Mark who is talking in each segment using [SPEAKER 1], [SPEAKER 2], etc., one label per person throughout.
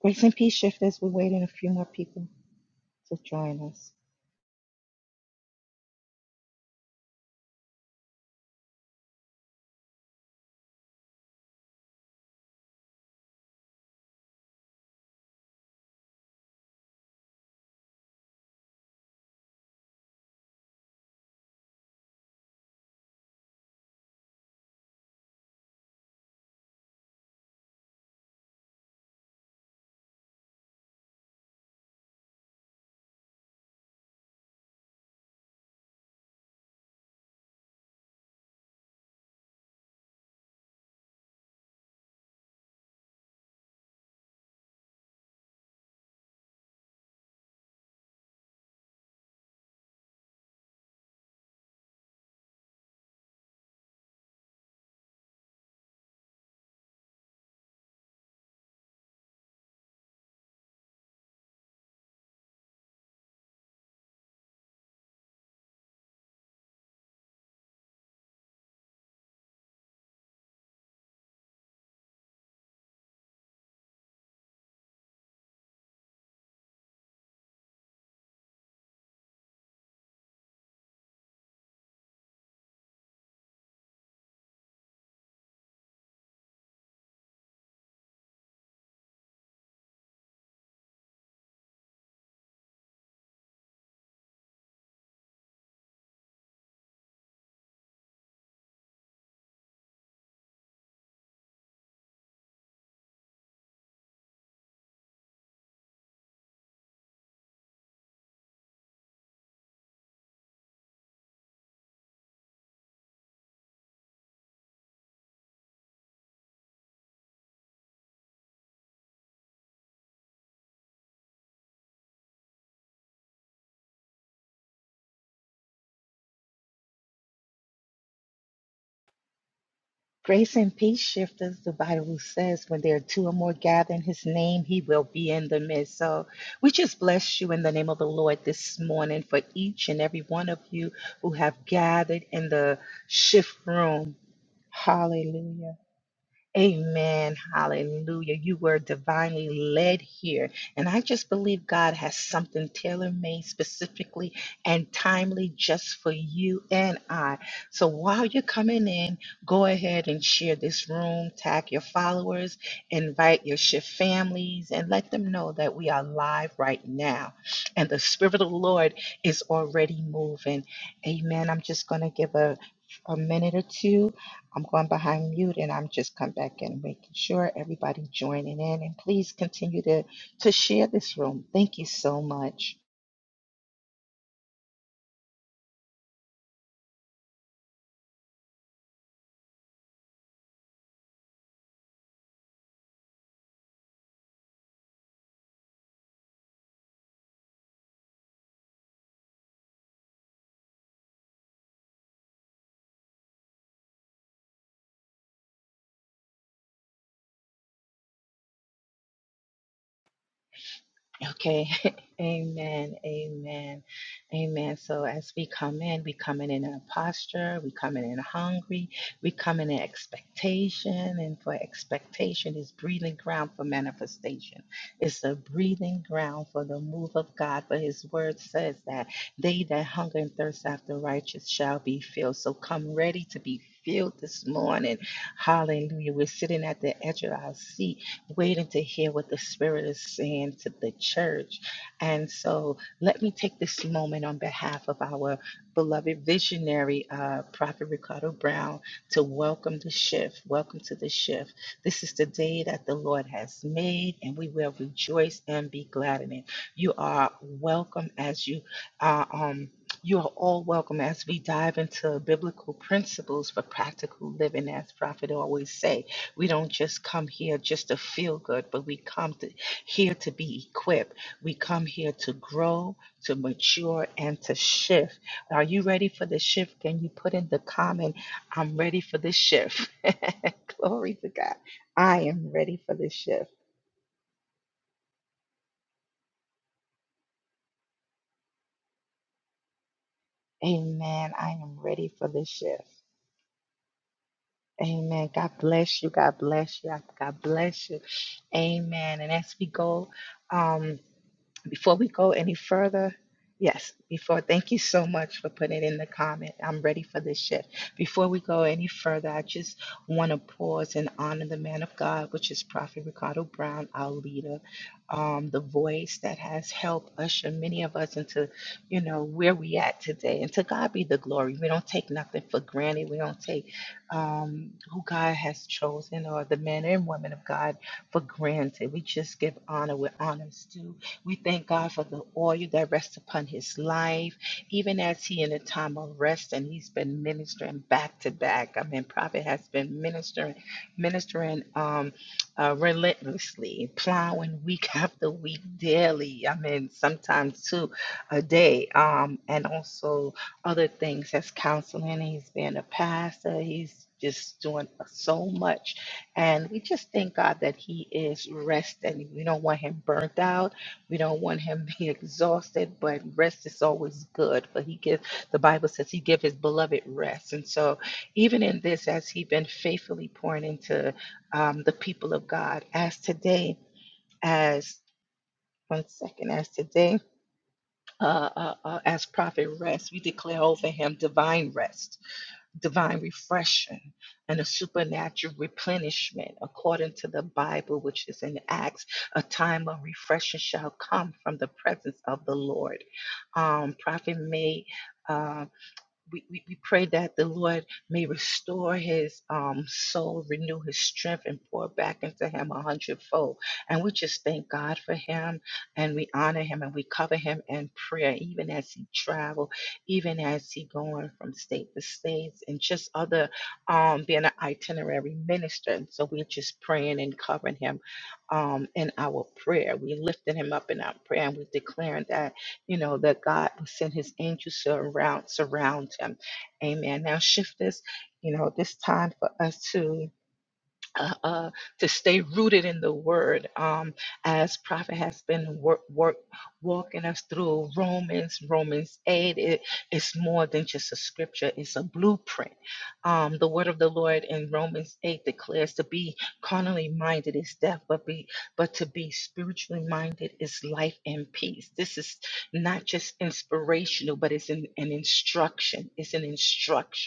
[SPEAKER 1] Grace and peace shifters, we're waiting a few more people to join us. Grace and peace shifters, the Bible says, when there are two or more gathered in his name, he will be in the midst. So we just bless you in the name of the Lord this morning for each and every one of you who have gathered in the shift room. Hallelujah. Amen. Hallelujah. You were divinely led here. And I just believe God has something tailor made specifically and timely just for you and I. So while you're coming in, go ahead and share this room, tag your followers, invite your shift families, and let them know that we are live right now. And the Spirit of the Lord is already moving. Amen. I'm just going to give a, a minute or two I'm going behind mute and I'm just come back and making sure everybody joining in and please continue to to share this room. Thank you so much. Okay. Amen. Amen. Amen. So as we come in, we come in in a posture, we come in in hungry, we come in in expectation, and for expectation is breathing ground for manifestation. It's a breathing ground for the move of God, for his word says that they that hunger and thirst after righteous shall be filled. So come ready to be filled this morning. Hallelujah. We're sitting at the edge of our seat waiting to hear what the Spirit is saying to the church. And so let me take this moment on behalf of our beloved visionary, uh, Prophet Ricardo Brown, to welcome the shift. Welcome to the shift. This is the day that the Lord has made, and we will rejoice and be glad in it. You are welcome as you are. Um, you are all welcome as we dive into biblical principles for practical living, as Prophet always say. We don't just come here just to feel good, but we come to, here to be equipped. We come here to grow, to mature, and to shift. Are you ready for the shift? Can you put in the comment, I'm ready for the shift? Glory to God. I am ready for the shift. Amen. I am ready for the shift. Amen. God bless you. God bless you. God bless you. Amen. And as we go, um. Before we go any further, yes, before, thank you so much for putting in the comment. I'm ready for this shift. Before we go any further, I just want to pause and honor the man of God, which is Prophet Ricardo Brown, our leader, um, the voice that has helped usher many of us into, you know, where we at today. And to God be the glory. We don't take nothing for granted. We don't take um, who God has chosen or the men and women of God for granted. We just give honor where honor's due we thank God for the oil that rests upon his life, even as he in a time of rest and he's been ministering back to back. I mean, prophet has been ministering, ministering um, uh, relentlessly, plowing week after week daily. I mean, sometimes two a day, um, and also other things as counseling. He's been a pastor. He's just doing so much and we just thank God that He is resting. We don't want Him burnt out. We don't want him being exhausted, but rest is always good. For he gives the Bible says he give his beloved rest, and so even in this, as he been faithfully pouring into um, the people of God, as today, as one second, as today, uh, uh, uh, as prophet rest, we declare over him divine rest divine refreshing and a supernatural replenishment according to the Bible, which is in Acts. A time of refreshing shall come from the presence of the Lord. Um, Prophet May. uh, we, we, we pray that the Lord may restore his um, soul, renew his strength, and pour back into him a hundredfold. And we just thank God for him, and we honor him, and we cover him in prayer, even as he travel, even as he going from state to states, and just other um, being an itinerary minister. And so we're just praying and covering him um, in our prayer. We lifting him up in our prayer, and we declaring that you know, that God will send his angels to around, surround him. Amen. Now shift this, you know, this time for us to uh, uh, to stay rooted in the word um, as prophet has been work, work, walking us through romans romans 8 it, it's more than just a scripture it's a blueprint um, the word of the lord in romans 8 declares to be carnally minded is death but be but to be spiritually minded is life and peace this is not just inspirational but it's an, an instruction it's an instruction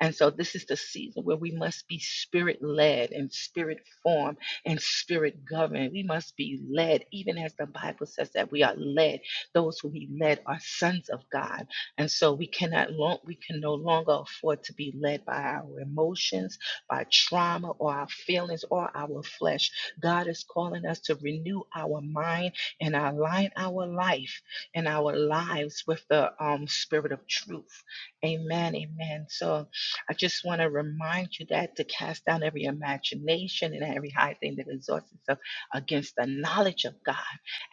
[SPEAKER 1] and so this is the season where we must be spirit led and spirit formed and spirit governed. We must be led, even as the Bible says that we are led. Those who he led are sons of God. And so we cannot long, we can no longer afford to be led by our emotions, by trauma or our feelings or our flesh. God is calling us to renew our mind and align our life and our lives with the um, spirit of truth. Amen. Amen. So I just want to remind you that to cast down every imagination and every high thing that exalts itself against the knowledge of God.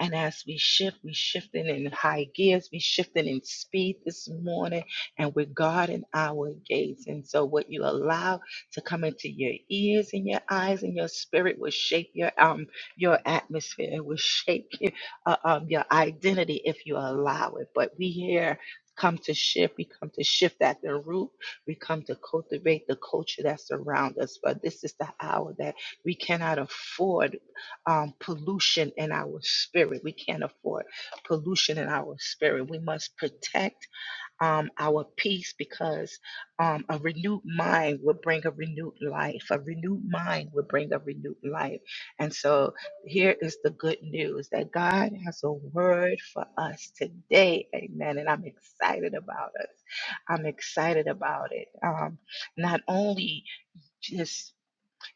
[SPEAKER 1] And as we shift, we shifting in high gears, we shifting in speed this morning, and we're guarding our gates. And so what you allow to come into your ears and your eyes and your spirit will shape your um your atmosphere. It will shape your, uh, um, your identity if you allow it. But we here come to shift. We come to shift at the root we come to cultivate the culture that surrounds us. But this is the hour that we cannot afford um, pollution in our spirit. We can't afford pollution in our spirit. We must protect um, our peace because um, a renewed mind will bring a renewed life. A renewed mind will bring a renewed life. And so here is the good news that God has a word for us today. Amen. And I'm excited about us. I'm excited about it. Um, not only just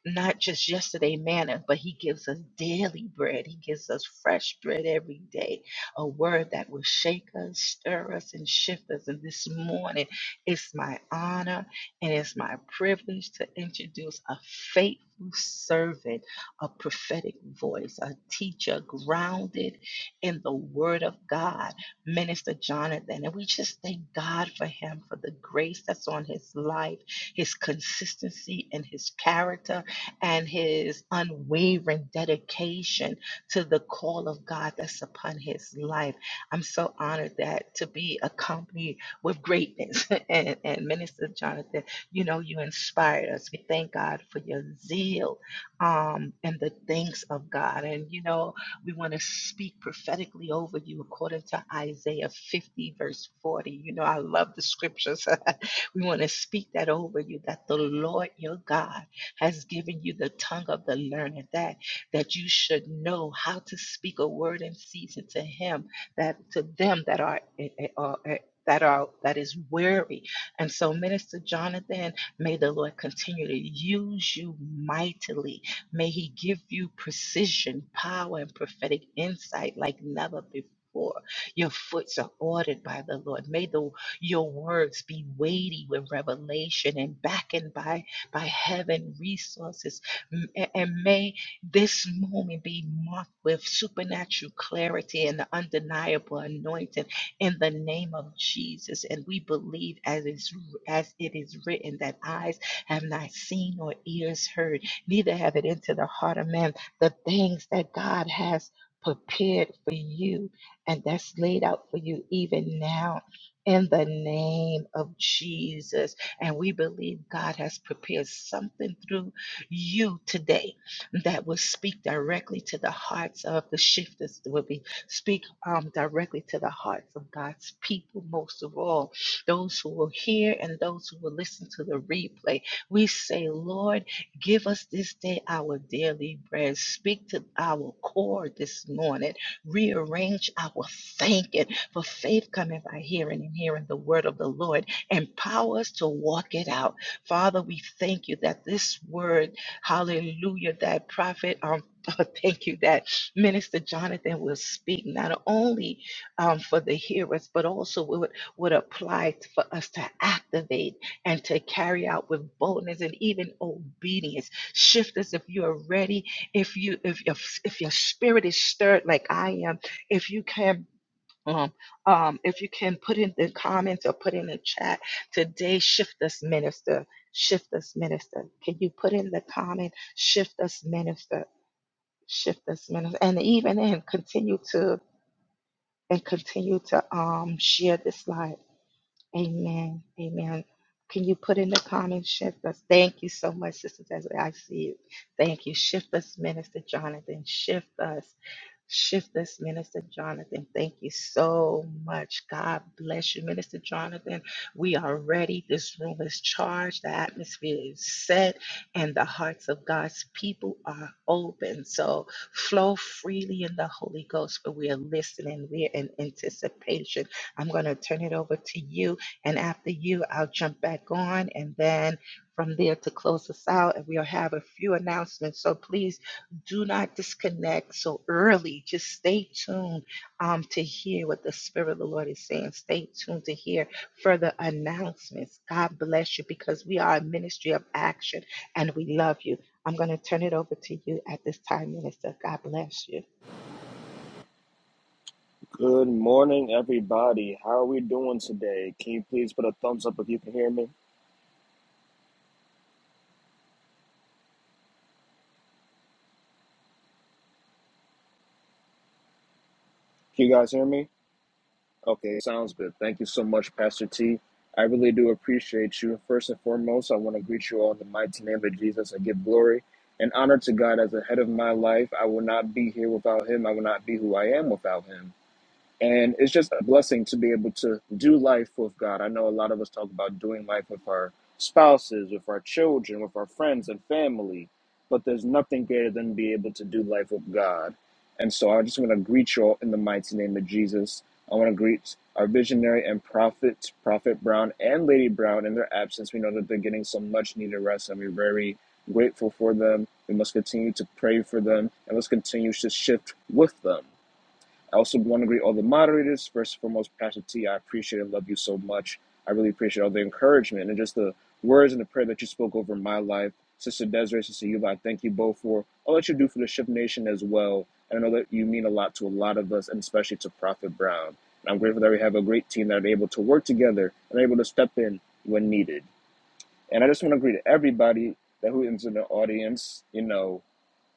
[SPEAKER 1] not just yesterday manna, but He gives us daily bread. He gives us fresh bread every day, a word that will shake us, stir us, and shift us. And this morning, it's my honor and it's my privilege to introduce a faithful servant, a prophetic voice, a teacher grounded in the Word of God, Minister Jonathan. And we just thank God for him, for the grace that's on his life, his consistency, and his character and his unwavering dedication to the call of God that's upon his life. I'm so honored that to be accompanied with greatness. and, and Minister Jonathan, you know, you inspired us. We thank God for your zeal um, and the things of God. And, you know, we want to speak prophetically over you according to Isaiah 50, verse 40. You know, I love the scriptures. we want to speak that over you that the Lord your God has given you the tongue of the learned, that that you should know how to speak a word in season to him that to them that are eh, eh, are- eh, that are that is weary. And so, Minister Jonathan, may the Lord continue to use you mightily. May He give you precision, power, and prophetic insight like never before. Your foots are ordered by the Lord. May the your words be weighty with revelation and beckoned by by heaven resources. M- a- And may this moment be marked with supernatural clarity and the undeniable anointing in the name of Jesus. And we believe as is as it is written that eyes have not seen or ears heard, neither have it entered the heart of man, the things that God has prepared for you and that's laid out for you even now in the name of Jesus. And we believe God has prepared something through you today that will speak directly to the hearts of the shifters, will be speak um, directly to the hearts of God's people, most of all, those who will hear and those who will listen to the replay. We say, Lord, give us this day our daily bread. Speak to our core this morning. Rearrange our thinking. For faith cometh by hearing and hearing the word of the Lord. Empower us to walk it out. Father, we thank you that this word, hallelujah, that prophet, um, thank you that Minister Jonathan will speak not only um, for the hearers, but also would, would apply t- for us to activate and to carry out with boldness and even obedience. Shift us if you are ready, if you if your if your spirit is stirred like I am, if you can um, um, if you can put in the comments or put in the chat today, shift us, minister. Shift us, minister. Can you put in the comment, shift us, minister? Shift us, minister. And even in continue to and continue to um share this live. Amen. Amen. Can you put in the comments, shift us? Thank you so much, sisters, as I see you. Thank you. Shift us, Minister Jonathan. Shift us. Shift us, Minister Jonathan. Thank you so much. God bless you, Minister Jonathan. We are ready. This room is charged. The atmosphere is set, and the hearts of God's people are open. So flow freely in the Holy Ghost, but we are listening. We are in anticipation. I'm going to turn it over to you. And after you, I'll jump back on and then from there to close us out. And we'll have a few announcements. So please do not disconnect so early. Just stay tuned um, to hear what the Spirit of the Lord is saying. Stay tuned to hear further announcements. God bless you because we are a ministry of action and we love you. I'm going to turn it over to you at this time, Minister. God bless you.
[SPEAKER 2] Good morning, everybody. How are we doing today? Can you please put a thumbs up if you can hear me? Can you guys hear me? Okay, sounds good. Thank you so much, Pastor T. I really do appreciate you. First and foremost, I want to greet you all in the mighty name of Jesus I give glory and honor to God as the head of my life. I will not be here without him. I will not be who I am without him. And it's just a blessing to be able to do life with God. I know a lot of us talk about doing life with our spouses, with our children, with our friends and family, but there's nothing greater than be able to do life with God. And so I just want to greet you all in the mighty name of Jesus. I want to greet our visionary and prophet, Prophet Brown and Lady Brown, in their absence. We know that they're getting some much needed rest, and we're very grateful for them. We must continue to pray for them, and let's continue to shift with them. I also want to greet all the moderators. First and foremost, Pastor T, I appreciate and love you so much. I really appreciate all the encouragement and just the words and the prayer that you spoke over my life. Sister Desiree, Sister Yuba, I thank you both for all that you do for the Shift Nation as well. And I know that you mean a lot to a lot of us, and especially to Prophet Brown. And I'm grateful that we have a great team that are able to work together and are able to step in when needed. And I just want to greet everybody that who is in the audience, you know,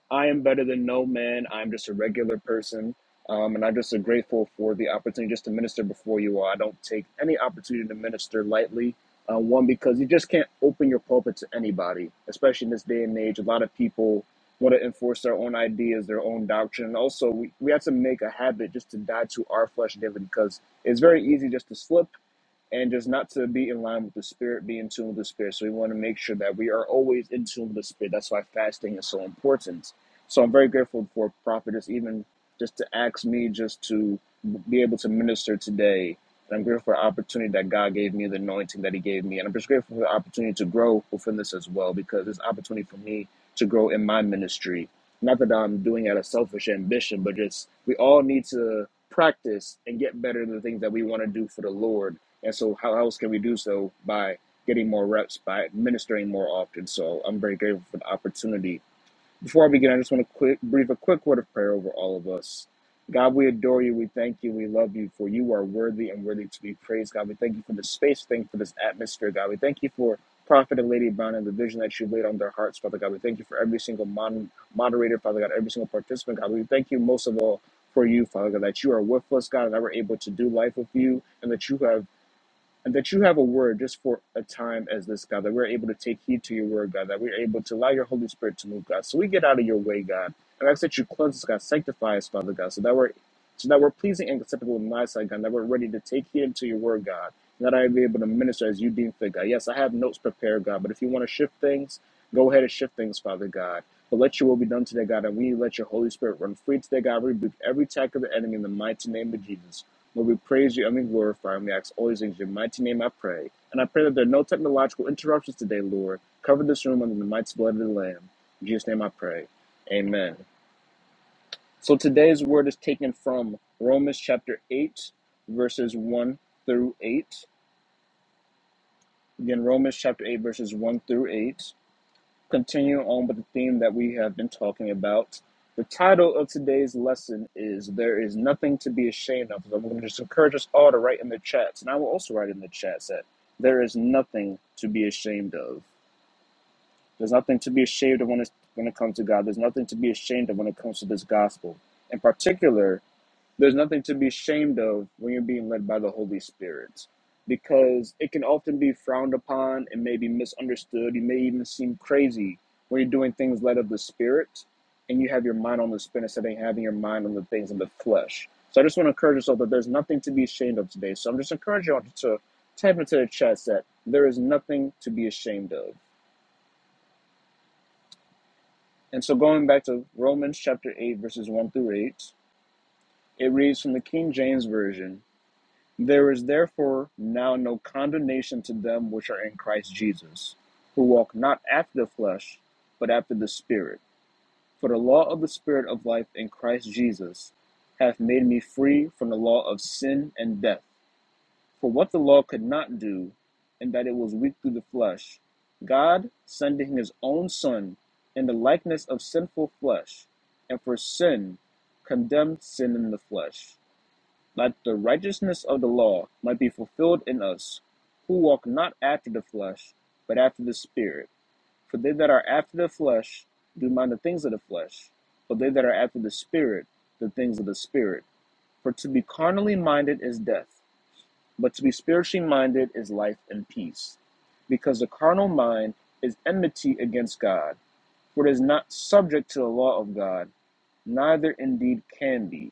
[SPEAKER 2] I am better than no man. I'm just a regular person. Um, and I'm just so grateful for the opportunity just to minister before you all. I don't take any opportunity to minister lightly. Uh, one, because you just can't open your pulpit to anybody, especially in this day and age. A lot of people want to enforce their own ideas, their own doctrine. And also, we, we have to make a habit just to die to our flesh daily because it's very easy just to slip and just not to be in line with the spirit, be in tune with the spirit. So we want to make sure that we are always in tune with the spirit. That's why fasting is so important. So I'm very grateful for Prophetess even just to ask me just to be able to minister today. And I'm grateful for the opportunity that God gave me, the anointing that He gave me. And I'm just grateful for the opportunity to grow within this as well, because it's an opportunity for me to grow in my ministry. Not that I'm doing it out of selfish ambition, but just we all need to practice and get better in the things that we want to do for the Lord and so, how else can we do so by getting more reps, by administering more often? So, I'm very grateful for the opportunity. Before I begin, I just want to quick, breathe a quick word of prayer over all of us. God, we adore you. We thank you. We love you, for you are worthy and worthy to be praised. God, we thank you for the space. Thank you for this atmosphere. God, we thank you for Prophet and Lady Brown and the vision that you laid on their hearts, Father God. We thank you for every single mon- moderator, Father God, every single participant, God. We thank you most of all for you, Father God, that you are with us, God, and that we're able to do life with you, and that you have and that you have a word just for a time as this, God, that we're able to take heed to your word, God, that we're able to allow your Holy Spirit to move, God. So we get out of your way, God. And I ask that you cleanse us, God, sanctify us, Father God, so that we're so that we're pleasing and acceptable in thy sight, God, that we're ready to take heed to your word, God, and that I be able to minister as you deem fit, God. Yes, I have notes prepared, God, but if you want to shift things, go ahead and shift things, Father God. But let your will be done today, God, and we let your Holy Spirit run free today, God. Rebuke every attack of the enemy in the mighty name of Jesus. Lord, we praise you and we glorify and we ask all these things in your mighty name, I pray. And I pray that there are no technological interruptions today, Lord. Cover this room under the mighty blood of the Lamb. In Jesus' name I pray. Amen. So today's word is taken from Romans chapter 8, verses 1 through 8. Again, Romans chapter 8, verses 1 through 8. continue on with the theme that we have been talking about. The title of today's lesson is There is Nothing to Be Ashamed of. So I'm going to just encourage us all to write in the chats, and I will also write in the chats that there is nothing to be ashamed of. There's nothing to be ashamed of when it, when it comes to God. There's nothing to be ashamed of when it comes to this gospel. In particular, there's nothing to be ashamed of when you're being led by the Holy Spirit because it can often be frowned upon and maybe misunderstood. You may even seem crazy when you're doing things led of the Spirit and you have your mind on the Spirit instead of having your mind on the things of the flesh. So I just want to encourage yourself that there's nothing to be ashamed of today. So I'm just encouraging y'all to type into the chat that there is nothing to be ashamed of. And so going back to Romans chapter 8, verses 1 through 8, it reads from the King James Version There is therefore now no condemnation to them which are in Christ Jesus, who walk not after the flesh, but after the Spirit. For the law of the Spirit of life in Christ Jesus hath made me free from the law of sin and death. For what the law could not do, in that it was weak through the flesh, God, sending his own Son in the likeness of sinful flesh, and for sin, condemned sin in the flesh that the righteousness of the law might be fulfilled in us, who walk not after the flesh, but after the Spirit. For they that are after the flesh do mind the things of the flesh, but they that are after the Spirit, the things of the Spirit. For to be carnally minded is death, but to be spiritually minded is life and peace. Because the carnal mind is enmity against God, for it is not subject to the law of God, neither indeed can be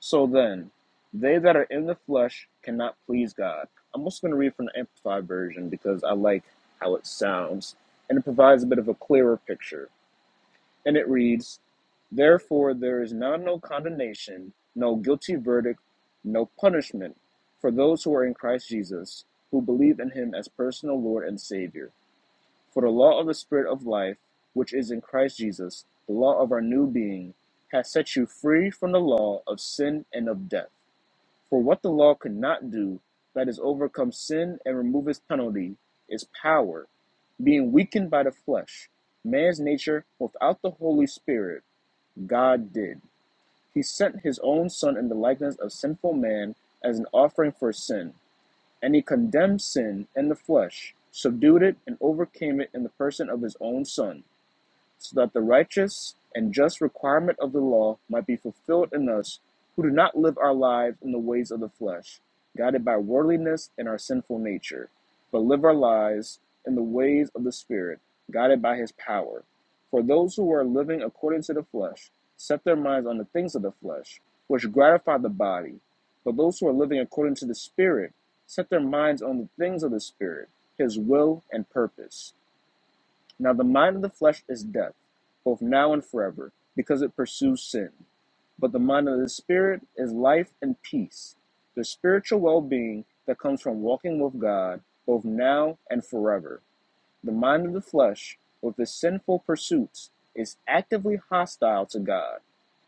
[SPEAKER 2] so then, they that are in the flesh cannot please God. I'm also going to read from the Amplified Version because I like how it sounds and it provides a bit of a clearer picture. And it reads Therefore, there is now no condemnation, no guilty verdict, no punishment for those who are in Christ Jesus, who believe in him as personal Lord and Savior. For the law of the Spirit of life, which is in Christ Jesus, the law of our new being, has set you free from the law of sin and of death. For what the law could not do, that is, overcome sin and remove its penalty, is power, being weakened by the flesh, man's nature, without the Holy Spirit, God did. He sent his own Son in the likeness of sinful man as an offering for sin, and he condemned sin in the flesh, subdued it, and overcame it in the person of his own Son so that the righteous and just requirement of the law might be fulfilled in us who do not live our lives in the ways of the flesh, guided by worldliness and our sinful nature, but live our lives in the ways of the Spirit, guided by His power. For those who are living according to the flesh set their minds on the things of the flesh, which gratify the body, but those who are living according to the Spirit set their minds on the things of the Spirit, His will and purpose. Now the mind of the flesh is death, both now and forever, because it pursues sin. But the mind of the spirit is life and peace, the spiritual well being that comes from walking with God, both now and forever. The mind of the flesh, with its sinful pursuits, is actively hostile to God.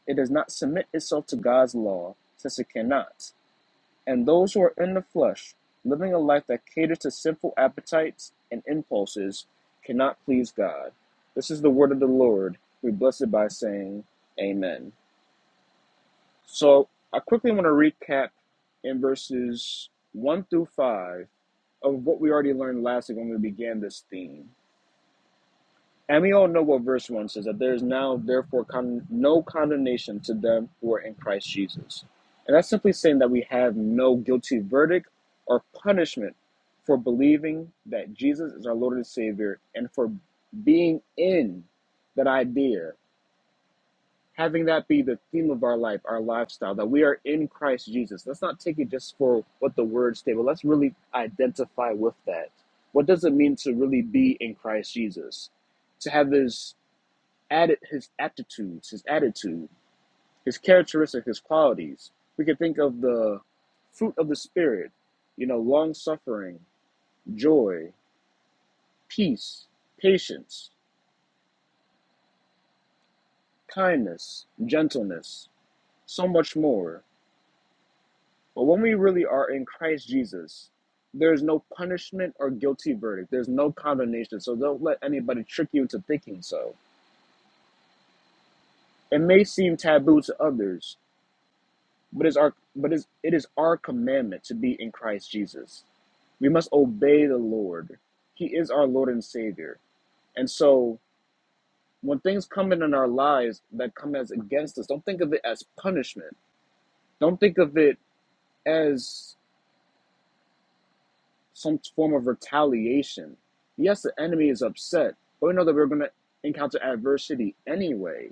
[SPEAKER 2] It does not submit itself to God's law, since it cannot. And those who are in the flesh, living a life that caters to sinful appetites and impulses, cannot please God. This is the word of the Lord. We bless it by saying, Amen. So I quickly want to recap in verses 1 through 5 of what we already learned last week when we began this theme. And we all know what verse 1 says that there is now, therefore, con- no condemnation to them who are in Christ Jesus. And that's simply saying that we have no guilty verdict or punishment for believing that Jesus is our Lord and Savior and for being in that idea, having that be the theme of our life, our lifestyle, that we are in Christ Jesus. Let's not take it just for what the words say, but let's really identify with that. What does it mean to really be in Christ Jesus? To have this added his aptitudes, his attitude, his characteristics, his qualities. We could think of the fruit of the spirit, you know, long suffering, joy, peace, patience, kindness, gentleness, so much more. But when we really are in Christ Jesus, there is no punishment or guilty verdict. There's no condemnation. So don't let anybody trick you into thinking so. It may seem taboo to others, But it's our but it's, it is our commandment to be in Christ Jesus. We must obey the Lord. He is our Lord and Savior. And so when things come in in our lives that come as against us, don't think of it as punishment. Don't think of it as some form of retaliation. Yes, the enemy is upset, but we know that we're going to encounter adversity anyway.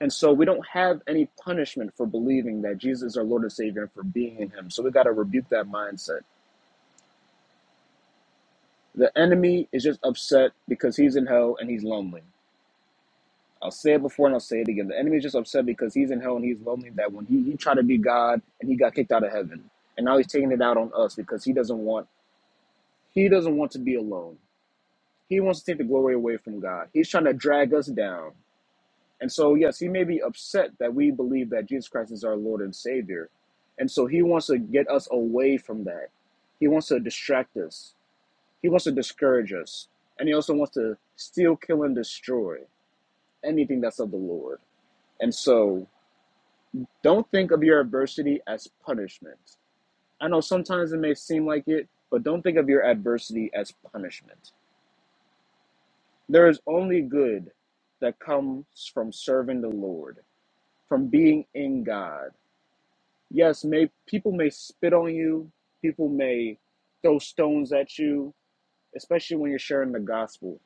[SPEAKER 2] And so we don't have any punishment for believing that Jesus is our Lord and Savior and for being in Him. So we got to rebuke that mindset The enemy is just upset because he's in hell and he's lonely. I'll say it before and I'll say it again. The enemy is just upset because he's in hell and he's lonely that when he, he tried to be God and he got kicked out of heaven. And now he's taking it out on us because he doesn't want he doesn't want to be alone. He wants to take the glory away from God. He's trying to drag us down. And so yes, he may be upset that we believe that Jesus Christ is our Lord and Savior. And so he wants to get us away from that. He wants to distract us. He wants to discourage us. And he also wants to steal, kill, and destroy anything that's of the Lord. And so don't think of your adversity as punishment. I know sometimes it may seem like it, but don't think of your adversity as punishment. There is only good that comes from serving the Lord, from being in God. Yes, may people may spit on you, people may throw stones at you, especially when you're sharing the gospel.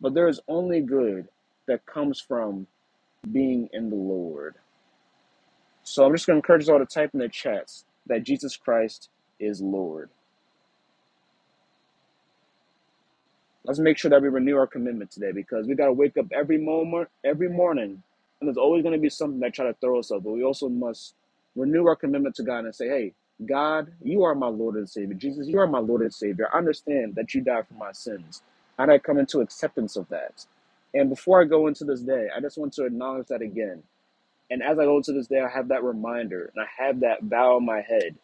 [SPEAKER 2] But there is only good that comes from being in the Lord. So I'm just going to encourage you all to type in the chats that Jesus Christ is Lord. Let's make sure that we renew our commitment today because we got to wake up every moment, every morning, and there's always going to be something that try to throw us off. But we also must renew our commitment to God and say, "Hey, God, you are my Lord and Savior. Jesus, you are my Lord and Savior. I understand that you died for my sins, and I come into acceptance of that." And before I go into this day, I just want to acknowledge that again. And as I go to this day, I have that reminder and I have that bow in my head.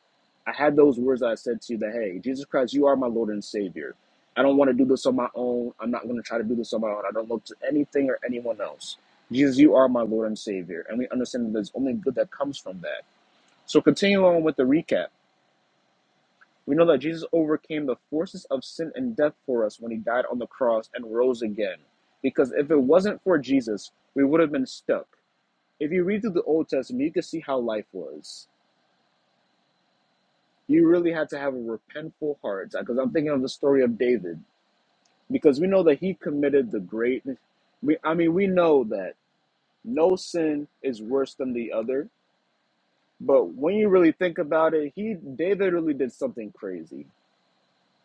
[SPEAKER 2] I had those words that I said to you that, hey, Jesus Christ, you are my Lord and Savior. I don't want to do this on my own. I'm not going to try to do this on my own. I don't look to anything or anyone else. Jesus, you are my Lord and Savior. And we understand that there's only good that comes from that. So continue on with the recap. We know that Jesus overcame the forces of sin and death for us when he died on the cross and rose again. Because if it wasn't for Jesus, we would have been stuck if you read through the Old Testament, you can see how life was. You really had to have a repentful heart. Because I'm thinking of the story of David, because we know that he committed the great. We, I mean, we know that no sin is worse than the other. But when you really think about it, he David really did something crazy.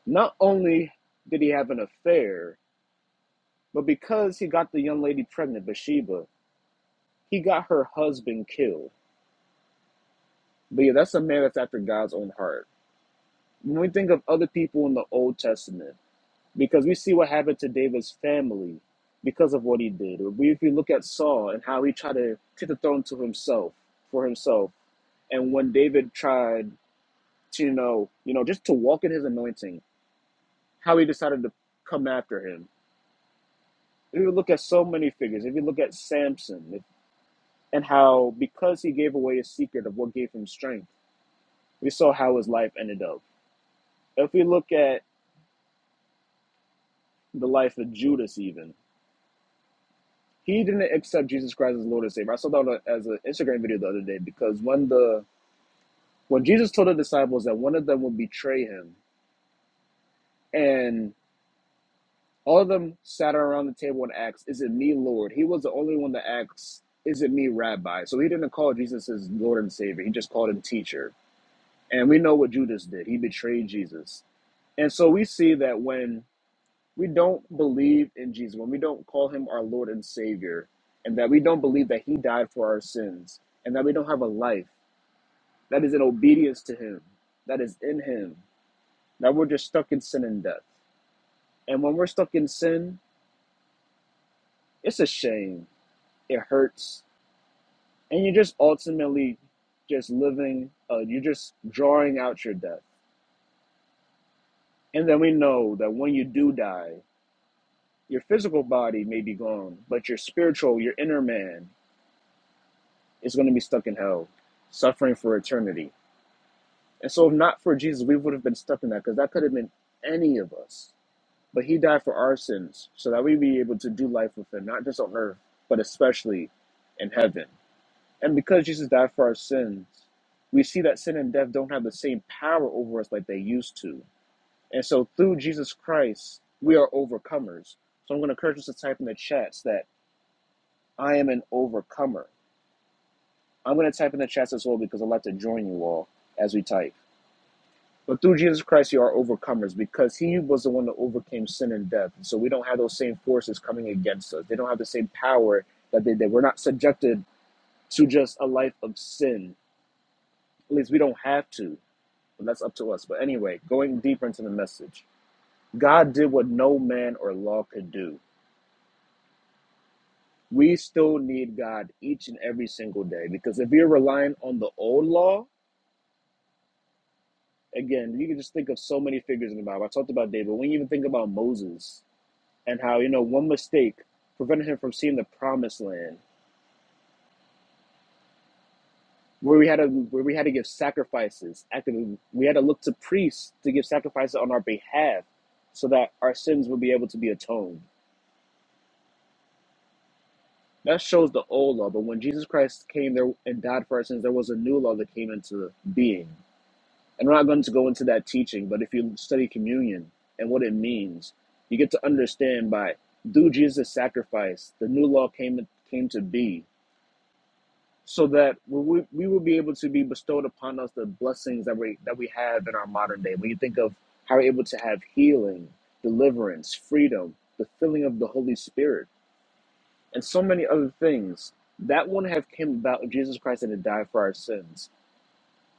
[SPEAKER 2] Not only did he have an affair, but because he got the young lady pregnant, Bathsheba, he got her husband killed. But yeah, that's a man that's after God's own heart. when we think of other people in the Old Testament, because we see what happened to David's family because of what he did. if you look at Saul and how he tried to take the throne to himself for himself, and when David tried to, you know, you know, just to walk in his anointing, how he decided to come after him. If you look at so many figures, if you look at Samson, if, and how because he gave away his secret of what gave him strength, we saw how his life ended up. If we look at the life of Judas, even he didn't accept Jesus Christ as Lord and Savior. I saw that as an Instagram video the other day because when the when Jesus told the disciples that one of them would betray him, and all of them sat around the table and asked, "Is it me, Lord?" He was the only one that asked, "Is it me, Rabbi?" So he didn't call Jesus his Lord and Savior. He just called him teacher. And we know what Judas did. He betrayed Jesus. And so we see that when we don't believe in Jesus, when we don't call him our Lord and Savior, and that we don't believe that he died for our sins, and that we don't have a life that is in obedience to him, that is in him, that we're just stuck in sin and death. And when we're stuck in sin, it's a shame. It hurts. And you're just ultimately just living, uh, you're just drawing out your death. And then we know that when you do die, your physical body may be gone, but your spiritual, your inner man, is going to be stuck in hell, suffering for eternity. And so, if not for Jesus, we would have been stuck in that because that could have been any of us. But he died for our sins so that we be able to do life with him, not just on earth, but especially in heaven. And because Jesus died for our sins, we see that sin and death don't have the same power over us like they used to. And so, through Jesus Christ, we are overcomers. So, I'm going to encourage us to type in the chats that I am an overcomer. I'm going to type in the chats as well because I'd like to join you all as we type. But through Jesus Christ, you are overcomers because he was the one that overcame sin and death. And so we don't have those same forces coming against us. They don't have the same power that they did. We're not subjected to just a life of sin. At least we don't have to. But that's up to us. But anyway, going deeper into the message, God did what no man or law could do. We still need God each and every single day because if you're relying on the old law, again, you can just think of so many figures in the Bible. I talked about David. When you even think about Moses and how you know one mistake prevented him from seeing the promised land, where we had to where we had to give sacrifices, actively we had to look to priests to give sacrifices on our behalf, so that our sins would be able to be atoned. That shows the old law, but when Jesus Christ came there and died for our sins, there was a new law that came into being. And we're not going to go into that teaching, but if you study communion and what it means, you get to understand by through Jesus' sacrifice, the new law came came to be, so that we, we will be able to be bestowed upon us the blessings that we that we have in our modern day. When you think of how we're able to have healing, deliverance, freedom, the filling of the Holy Spirit, and so many other things that wouldn't have came about if Jesus Christ didn't die for our sins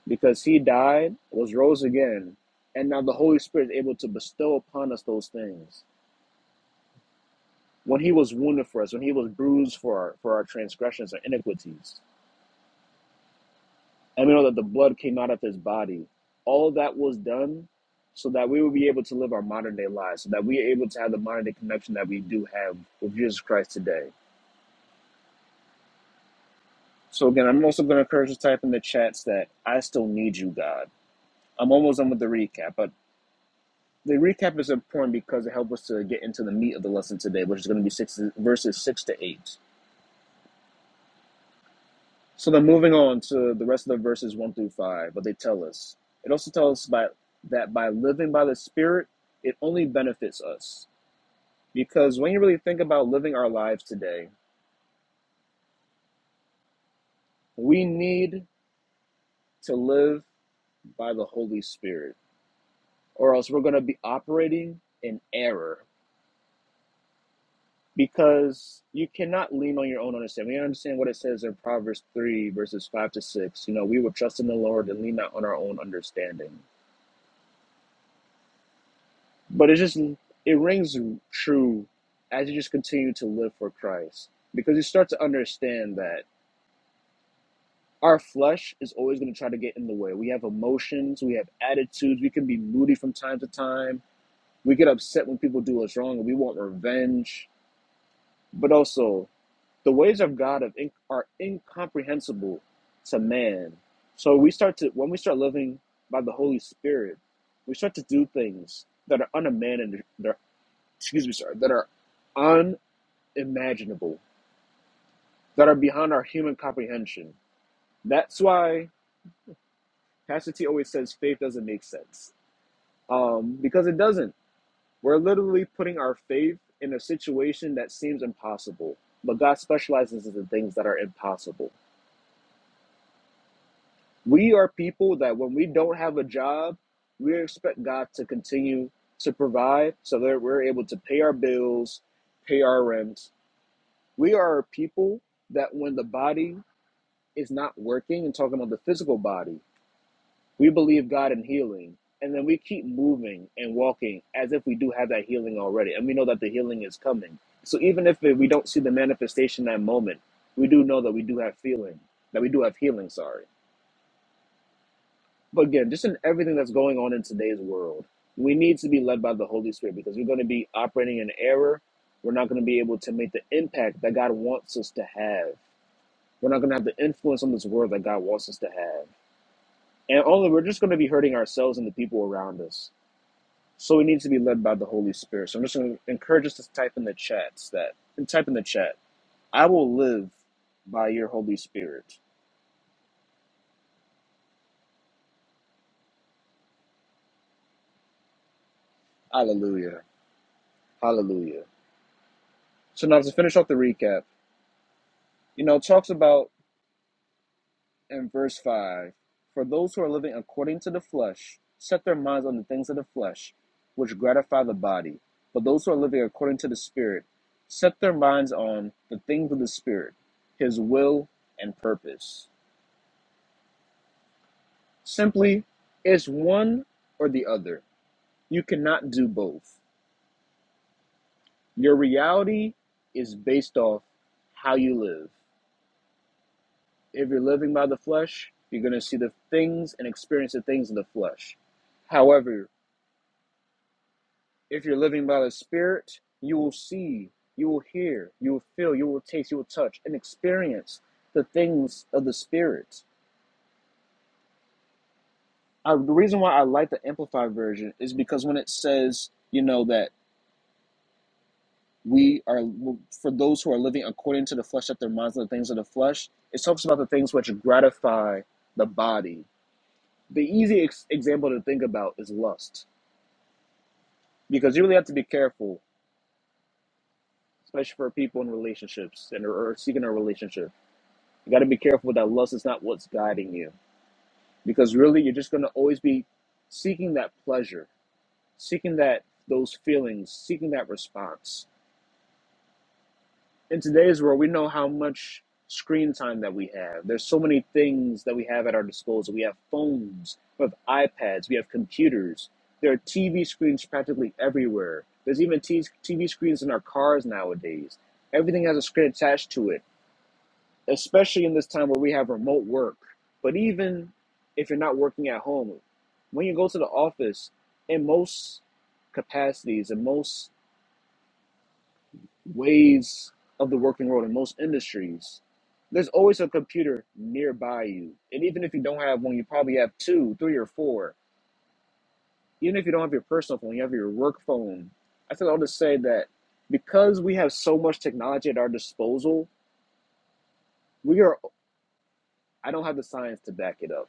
[SPEAKER 2] because he died, was rose again, and now the Holy Spirit is able to bestow upon us those things. When he was wounded for us, when he was bruised for our, for our transgressions and iniquities, and we know that the blood came out of his body, all of that was done so that we would be able to live our modern day lives, so that we are able to have the modern day connection that we do have with Jesus Christ today. So again, I'm also going to encourage you to type in the chats that I still need you, God. I'm almost done with the recap, but the recap is important because it helps us to get into the meat of the lesson today, which is going to be six verses six to eight. So then moving on to the rest of the verses one through five, what they tell us. It also tells us by, that by living by the Spirit, it only benefits us. Because when you really think about living our lives today, we need to live by the Holy Spirit, or else we're going to be operating in error because you cannot lean on your own understanding. We understand what it says in Proverbs 3, verses 5 to 6. You know, we will trust in the Lord and lean not on our own understanding. But it just, it rings true as you just continue to live for Christ because you start to understand that our flesh is always going to try to get in the way. We have emotions, we have attitudes, we can be moody from time to time. We get upset when people do us wrong and we want revenge. But also, the ways of God of in, are incomprehensible to man. So we start to when we start living by the Holy Spirit, we start to do things that are unimaginable. Excuse me, sorry, that are unimaginable, that are beyond our human comprehension. That's why Pastor T always says faith doesn't make sense um, because it doesn't. We're literally putting our faith in a situation that seems impossible, but God specializes in the things that are impossible. We are people that when we don't have a job, we expect God to continue to provide so that we're able to pay our bills, pay our rent. We are people that when the body is not working, and talking about the physical body, we believe God in healing. And then we keep moving and walking as if we do have that healing already. And we know that the healing is coming. So even if we don't see the manifestation in that moment, we do know that we do have feeling, that we do have healing, sorry. But again, just in everything that's going on in today's world, we need to be led by the Holy Spirit because we're going to be operating in error. We're not going to be able to make the impact that God wants us to have. We're not going to have the influence on this world that God wants us to have. And only we're just going to be hurting ourselves and the people around us. So we need to be led by the Holy Spirit. So I'm just going to encourage us to type in the chats that, and type in the chat, I will live by your Holy Spirit. Hallelujah. Hallelujah. So now to finish off the recap, you know, it talks about and verse 5 For those who are living according to the flesh set their minds on the things of the flesh, which gratify the body. But those who are living according to the Spirit set their minds on the things of the Spirit, His will and purpose. Simply, it's one or the other. You cannot do both. Your reality is based off how you live. If you're living by the flesh, you're going to see the things and experience the things of the flesh. However, If you're living by the Spirit, you will see, you will hear, you will feel, you will taste, you will touch, and experience the things of the Spirit. I, the reason why I like the Amplified version is because when it says, you know, that we are, for those who are living according to the flesh, that their minds are the things of the flesh, it talks about the things which gratify the body. The easy ex- example to think about is lust, because you really have to be careful, especially for people in relationships and or or seeking a relationship You got to be careful that lust is not what's guiding you, because really you're just going to always be seeking that pleasure, seeking that those feelings, seeking that response. In today's world, we know how much screen time that we have. There's so many things that we have at our disposal. We have phones, we have iPads, we have computers. There are TV screens practically everywhere. There's even TV screens in our cars nowadays. Everything has a screen attached to it especially in this time where we have remote work. But even if you're not working at home, when you go to the office, in most capacities, in most ways of the working world, in most industries, there's always a computer nearby you. And even if you don't have one, you probably have two, three, or four. Even if you don't have your personal phone, you have your work phone. I think I'll just say that because we have so much technology at our disposal, we are I don't have the science to back it up,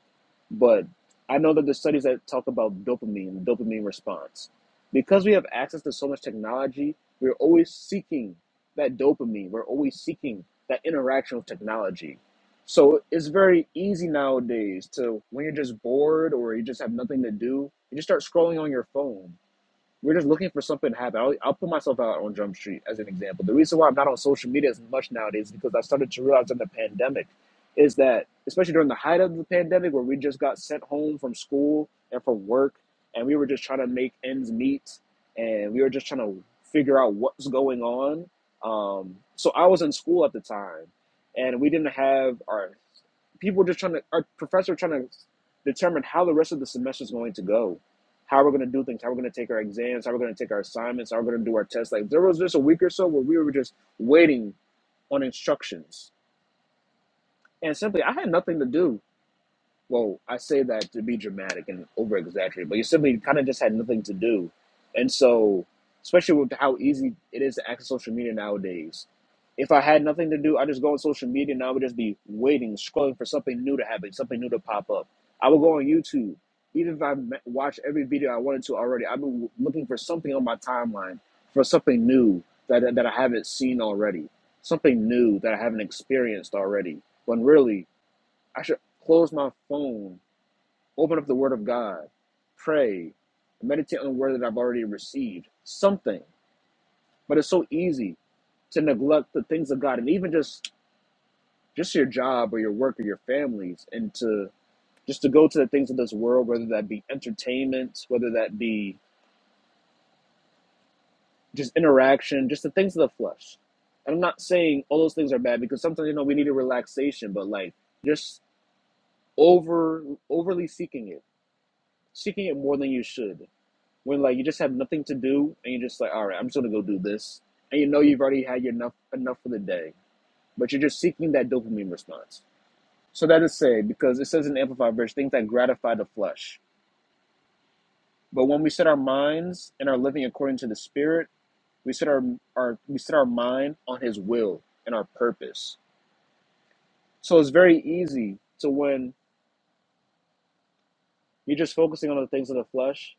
[SPEAKER 2] but I know that there's studies that talk about dopamine, the dopamine response. Because we have access to so much technology, we're always seeking that dopamine. We're always seeking that interaction with technology. So it's very easy nowadays to when you're just bored or you just have nothing to do, you just start scrolling on your phone we're just looking for something to happen. I'll, I'll put myself out on Jump Street as an example. The reason why I'm not on social media as much nowadays is because I started to realize in the pandemic is that, especially during the height of the pandemic, where we just got sent home from school and from work, and we were just trying to make ends meet, and we were just trying to figure out what's going on. Um, so I was in school at the time, and we didn't have our people just trying to our professor trying to determine how the rest of the semester is going to go how we're going to do things, how we're going to take our exams, how we're going to take our assignments, how we're going to do our tests. Like there was just a week or so where we were just waiting on instructions. And simply, I had nothing to do well, I say that to be dramatic and over exaggerate, but you simply kind of just had nothing to do. And so, especially with how easy it is to access social media nowadays, if I had nothing to do, I just go on social media and I would just be waiting, scrolling for something new to happen, something new to pop up. I would go on YouTube. Even if I ma- watched every video I wanted to already, I've been looking for something on my timeline for something new that, that, that I haven't seen already, something new that I haven't experienced already. When really, I should close my phone Open up the Word of God, pray, meditate on the Word that I've already received. Something. But it's so easy to neglect the things of God, and even just just your job or your work or your families, and to just to go to the things of this world, whether that be entertainment, whether that be just interaction, just the things of the flesh. And I'm not saying all those things are bad because sometimes you know we need a relaxation, but like just over overly seeking it, seeking it more than you should when like you just have nothing to do and you're just like, all right, I'm just gonna go do this, and you know you've already had your enough enough for the day, but you're just seeking that dopamine response. So that is say because it says in the Amplified verse, things that gratify the flesh. But when we set our minds and are living according to the Spirit, we set our, our we set our mind on His will and our purpose. So it's very easy to when you're just focusing on the things of the flesh,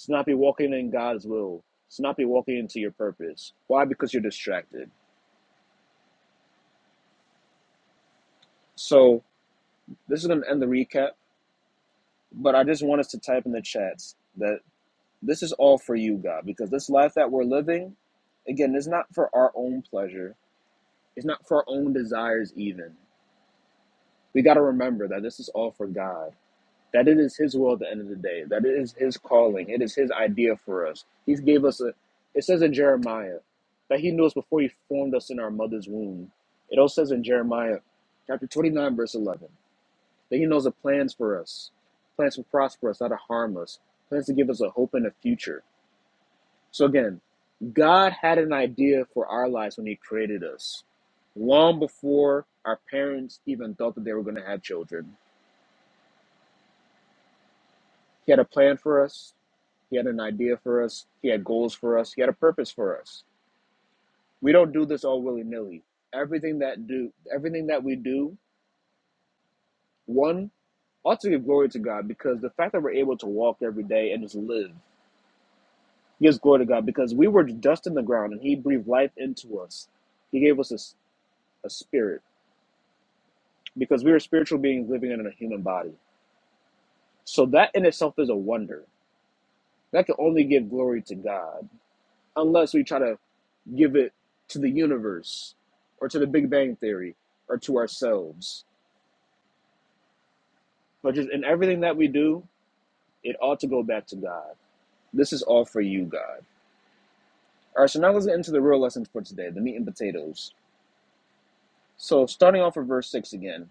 [SPEAKER 2] to not be walking in God's will, to not be walking into your purpose. Why? Because you're distracted. So This is going to end the recap, but I just want us to type in the chats that this is all for you, God, because this life that we're living, again, is not for our own pleasure. It's not for our own desires, even. We got to remember that this is all for God, that it is His will at the end of the day, that it is His calling, it is His idea for us. He gave us a, it says in Jeremiah, that He knew us before He formed us in our mother's womb. It also says in Jeremiah, chapter 29, verse 11. That He knows the plans for us, plans to prosper us, not to harm us, plans to give us a hope and a future. So again, God had an idea for our lives when He created us, long before our parents even thought that they were going to have children. He had a plan for us. He had an idea for us. He had goals for us. He had a purpose for us. We don't do this all willy nilly. Everything that do, everything that we do, one ought to give glory to God because the fact that we're able to walk every day and just live Gives glory to God because we were dust in the ground and He breathed life into us. He gave us a, s- a spirit because we are spiritual beings living in a human body. So that in itself is a wonder. That can only give glory to God unless we try to give it to the universe or to the Big Bang Theory or to ourselves. But just in everything that we do, it ought to go back to God. This is all for you, God. All right, so now let's get into the real lessons for today, the meat and potatoes. So starting off with verse 6 again.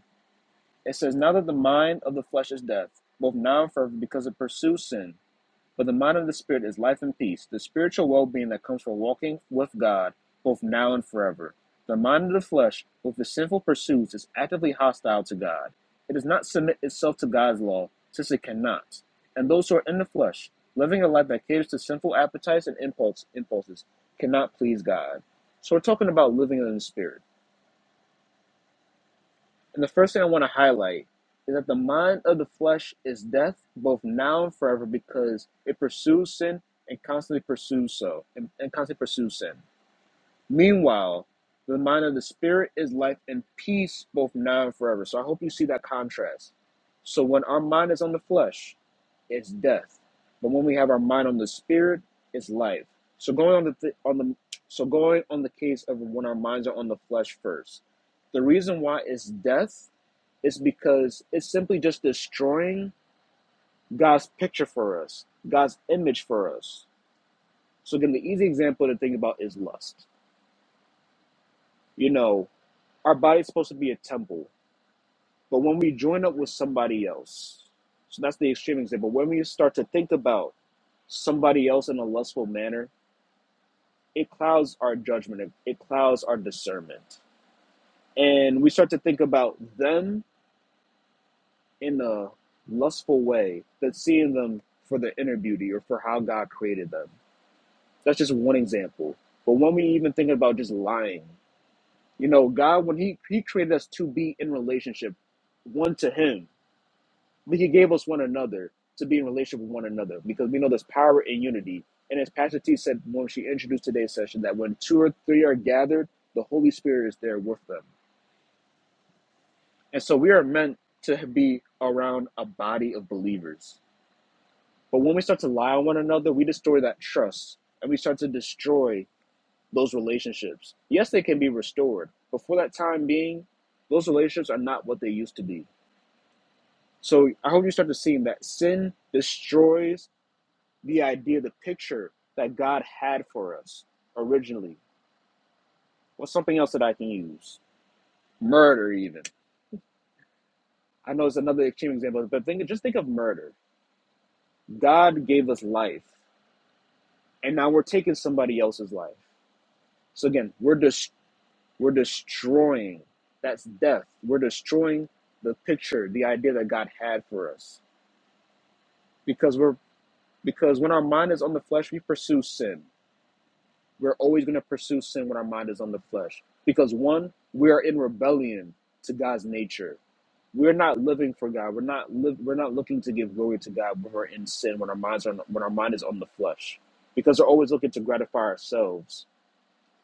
[SPEAKER 2] It says, Now that the mind of the flesh is death, both now and forever, because it pursues sin, but the mind of the spirit is life and peace, the spiritual well being that comes from walking with God, both now and forever. The mind of the flesh, with its sinful pursuits, is actively hostile to God. It does not submit itself to God's law, since it cannot. And those who are in the flesh, living a life that caters to sinful appetites and impulse, impulses, cannot please God. So we're talking about living in the spirit. And the first thing I want to highlight is that the mind of the flesh is death, both now and forever, because it pursues sin and constantly pursues so and, and constantly pursues sin. Meanwhile, the mind of the spirit is life and peace, both now and forever. So I hope you see that contrast. So when our mind is on the flesh, it's death, but when we have our mind on the spirit, it's life. So going on the th- on the so going on the case of when our minds are on the flesh first, the reason why it's death is because it's simply just destroying God's picture for us, God's image for us. So again, the easy example to think about is lust. You know, our body's supposed to be a temple, but when we join up with somebody else, so that's the extreme example. When we start to think about somebody else in a lustful manner, it clouds our judgment, it, it clouds our discernment. And we start to think about them in a lustful way, that seeing them for their inner beauty or for how God created them That's just one example. But when we even think about just lying, you know, God, when He He created us to be in relationship, one to Him, but He gave us one another to be in relationship with one another because we know there's power in unity. And as Pastor T said when she introduced today's session, that when two or three are gathered, the Holy Spirit is there with them. And so we are meant to be around a body of believers. But when we start to lie on one another, we destroy that trust and we start to destroy those relationships. Yes, they can be restored, but for that time being, those relationships are not what they used to be. So I hope you start to see that sin destroys the idea, the picture that God had for us originally. What's something else that I can use? Murder, even. I know it's another extreme example, but think just think of murder. God gave us life, and now we're taking somebody else's life. So again, we're destroying We're destroying. That's death. We're destroying the picture, the idea that God had for us. Because we're because when our mind is on the flesh, we pursue sin. We're always going to pursue sin when our mind is on the flesh. Because one, we are in rebellion to God's nature. We're not living for God. We're not live. We're not looking to give glory to God when we're in sin. When our minds are on, when our mind is on the flesh, because we're always looking to gratify ourselves,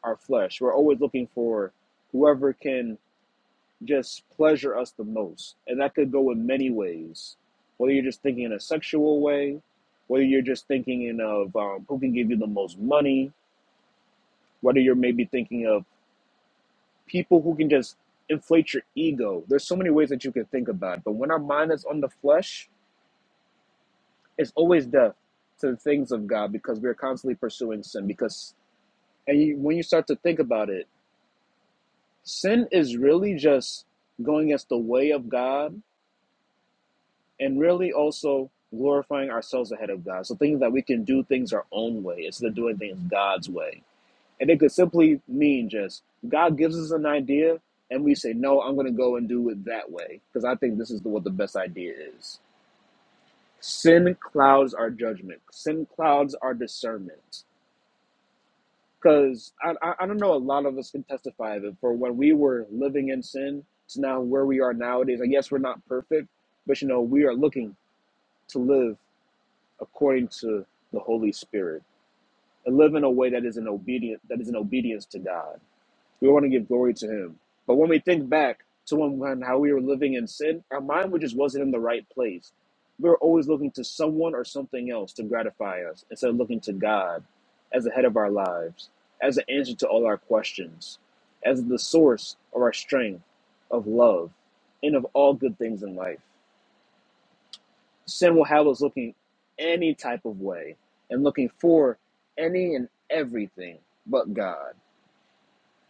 [SPEAKER 2] our flesh. We're always looking for whoever can just pleasure us the most. And that could go in many ways. Whether you're just thinking in a sexual way, whether you're just thinking in of um, who can give you the most money, whether you're maybe thinking of people who can just inflate your ego. There's so many ways that you can think about it. But when our mind is on the flesh, it's always death to the things of God because we're constantly pursuing sin. Because and you, when you start to think about it, sin is really just going against the way of God and really also glorifying ourselves ahead of God. So thinking that we can do things our own way instead of doing things God's way. And it could simply mean just God gives us an idea and we say, no, I'm going to go and do it that way because I think this is the, what the best idea is. Sin clouds our judgment. Sin clouds our discernment. Because I, I, I don't know, a lot of us can testify of it. For when we were living in sin to now where we are nowadays, I guess we're not perfect, but you know, we are looking to live according to the Holy Spirit, and live in a way that is an obedient that is an obedience to God. We want to give glory to Him, but when we think back to when, when how we were living in sin, our mind just wasn't in the right place. We were always looking to someone or something else to gratify us instead of looking to God as the head of our lives, as the answer to all our questions, as the source of our strength, of love, and of all good things in life. Sin will have us looking any type of way and looking for any and everything but God.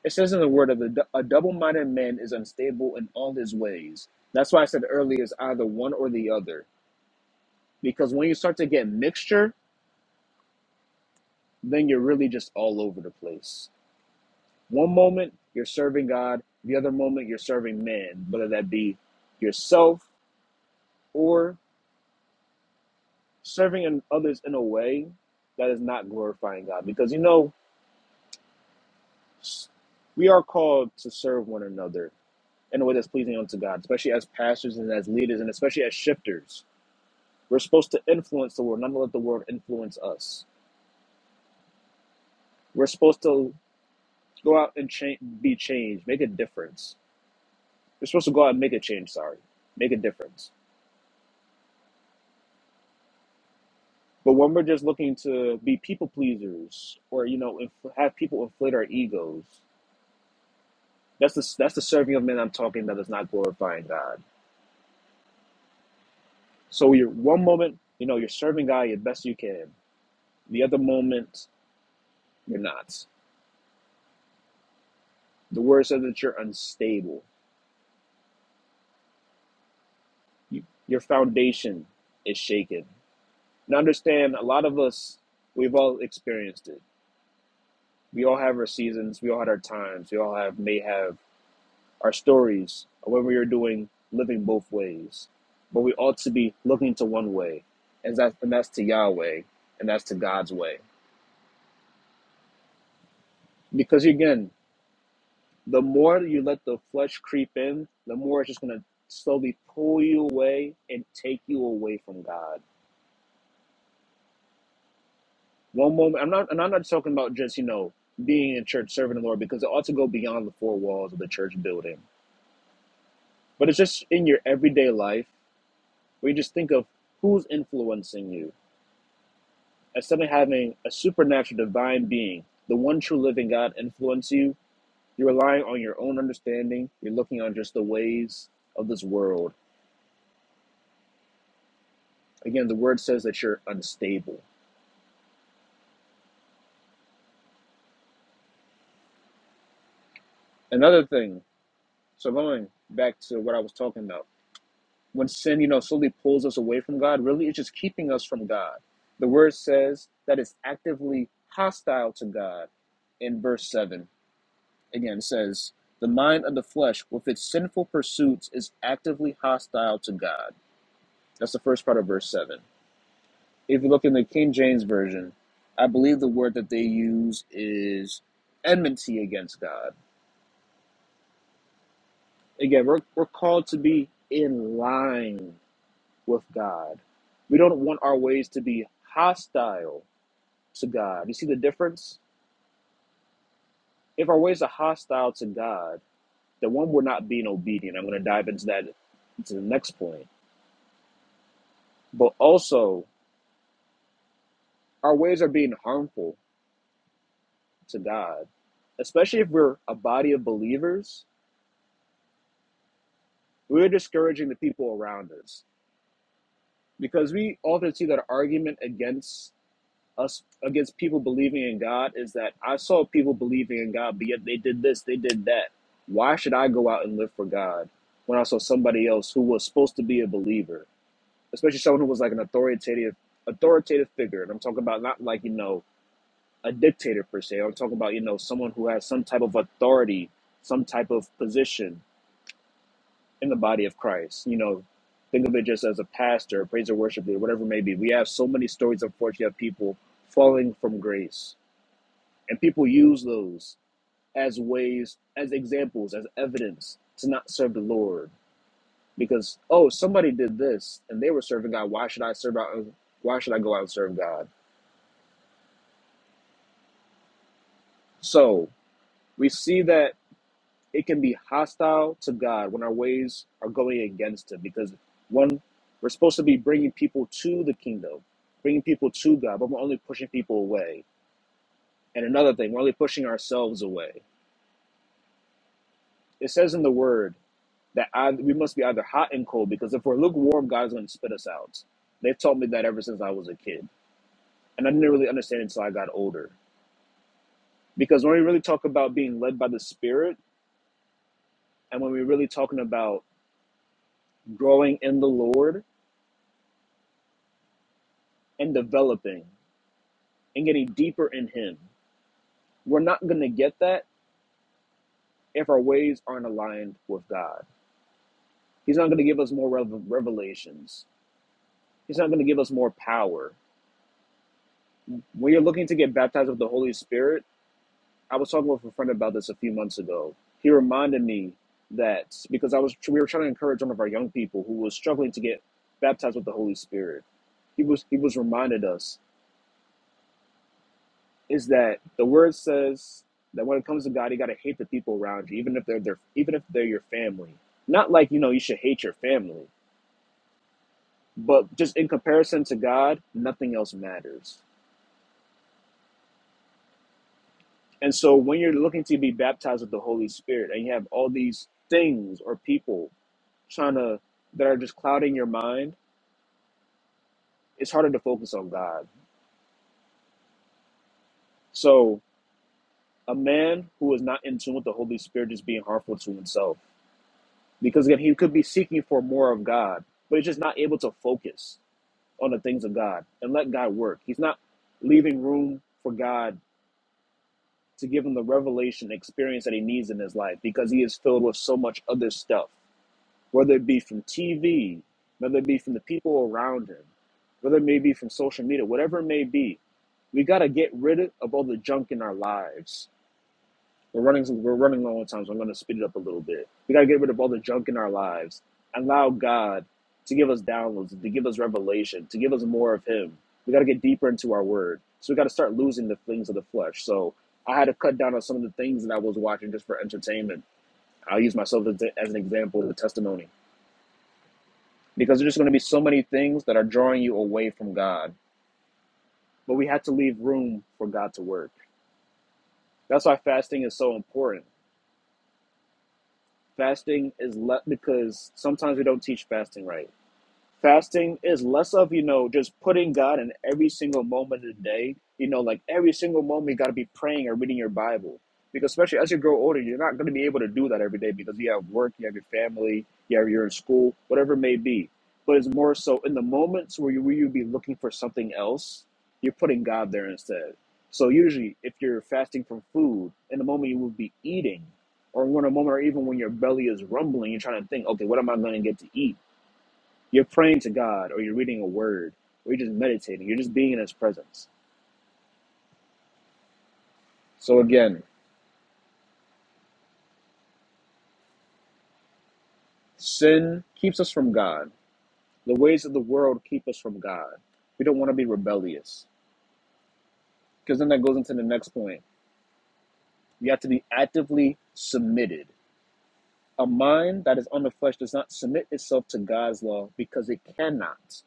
[SPEAKER 2] It says in the word of the, a double minded man is unstable in all his ways. That's why I said earlier it's either one or the other. Because when you start to get mixture, then you're really just all over the place. One moment you're serving God, the other moment you're serving man, whether that be yourself or serving in others in a way that is not glorifying God. Because you know, We are called to serve one another in a way that's pleasing unto God, especially as pastors and as leaders, and especially as shifters. We're supposed to influence the world, not to let the world influence us. We're supposed to go out and cha- be changed, make a difference. We're supposed to go out and make a change, sorry, make a difference. But when we're just looking to be people pleasers or, you know, inf- have people inflate our egos, that's the, that's the serving of men I'm talking about that's not glorifying God. So you're one moment, you know, you're serving God your best you can The other moment, you're not. The word says that you're unstable. You, your foundation is shaken. Now, understand, a lot of us, we've all experienced it. We all have our seasons. We all had our times. We all have may have our stories. of When we are doing living both ways, but we ought to be looking to one way, and that's and that's to Yahweh, and that's to God's way. Because again, the more you let the flesh creep in, the more it's just gonna slowly pull you away and take you away from God. One moment, I'm not, and I'm not talking about just you know being in church serving the Lord because it ought to go beyond the four walls of the church building. But it's just in your everyday life where you just think of who's influencing you. Instead of having a supernatural divine being, the one true living God influence you, you're relying on your own understanding. You're looking on just the ways of this world Again, the word says that you're unstable. Another thing, so going back to what I was talking about, when sin, you know, slowly pulls us away from God, really it's just keeping us from God. The word says that it's actively hostile to God in verse 7. Again, it says, The mind of the flesh with its sinful pursuits is actively hostile to God. That's the first part of verse 7. If you look in the King James Version, I believe the word that they use is enmity against God. Again, we're, we're called to be in line with God. We don't want our ways to be hostile to God. You see the difference? If our ways are hostile to God, then one, we're not being obedient. I'm going to dive into that to the next point. But also, our ways are being harmful to God, especially if we're a body of believers. We're discouraging the people around us because we often see that argument against us against people believing in God is that I saw people believing in God, but yet they did this, they did that. Why should I go out and live for God when I saw somebody else who was supposed to be a believer, especially someone who was like an authoritative authoritative figure? And I'm talking about not like you know a dictator per se. I'm talking about you know someone who has some type of authority, some type of position in the body of Christ. You know, think of it just as a pastor, a praise or worship leader, whatever it may be. We have so many stories, unfortunately, of people falling from grace and people use those as ways, as examples, as evidence to not serve the Lord. Because, oh, somebody did this and they were serving God. Why should I serve out? Why should I go out and serve God? So we see that it can be hostile to God when our ways are going against Him. Because, one, we're supposed to be bringing people to the kingdom, bringing people to God, but we're only pushing people away. And another thing, we're only pushing ourselves away. It says in the Word, that I, we must be either hot and cold because if we're lukewarm, God's going to spit us out. They've taught me that ever since I was a kid, and I didn't really understand it until I got older. Because when we really talk about being led by the Spirit, and when we're really talking about growing in the Lord and developing and getting deeper in Him, we're not going to get that if our ways aren't aligned with God. He's not going to give us more rev- revelations. He's not going to give us more power. When you're looking to get baptized with the Holy Spirit, I was talking with a friend about this a few months ago. He reminded me that because I was we were trying to encourage one of our young people who was struggling to get baptized with the Holy Spirit. He was he was reminded us is that the word says that when it comes to God, you got to hate the people around you, even if they're their even if they're your family. Not like you know you should hate your family, but just in comparison to God, nothing else matters. And so when you're looking to be baptized with the Holy Spirit and you have all these things or people trying to that are just clouding your mind, it's harder to focus on God. So a man who is not in tune with the Holy Spirit is being harmful to himself. Because again, he could be seeking for more of God, but he's just not able to focus on the things of God and let God work. He's not leaving room for God to give him the revelation experience that he needs in his life because he is filled with so much other stuff, whether it be from TV, whether it be from the people around him, whether it may be from social media, whatever it may be We gotta get rid of all the junk in our lives. We're running we're running low on time, so I'm gonna speed it up a little bit. We gotta get rid of all the junk in our lives. Allow God to give us downloads, to give us revelation, to give us more of Him. We gotta get deeper into our Word. So we gotta start losing the things of the flesh. So I had to cut down on some of the things that I was watching just for entertainment. I'll use myself as, as an example, the testimony, because there's just gonna be so many things that are drawing you away from God. But we had to leave room for God to work. That's why fasting is so important fasting is le- because sometimes we don't teach fasting right fasting is less of you know just putting god in every single moment of the day you know like every single moment you got to be praying or reading your bible because especially as you grow older you're not going to be able to do that every day because you have work you have your family you have, you're in school whatever it may be but it's more so in the moments where you where you be looking for something else you're putting god there instead so usually if you're fasting from food in the moment you will be eating or in a moment or even when your belly is rumbling you're trying to think okay what am i going to get to eat you're praying to God, or you're reading a word, or you're just meditating. You're just being in His presence. So again, sin keeps us from God. The ways of the world keep us from God. We don't want to be rebellious. Because then that goes into the next point. You have to be actively submitted. A mind that is on the flesh does not submit itself to God's law because it cannot.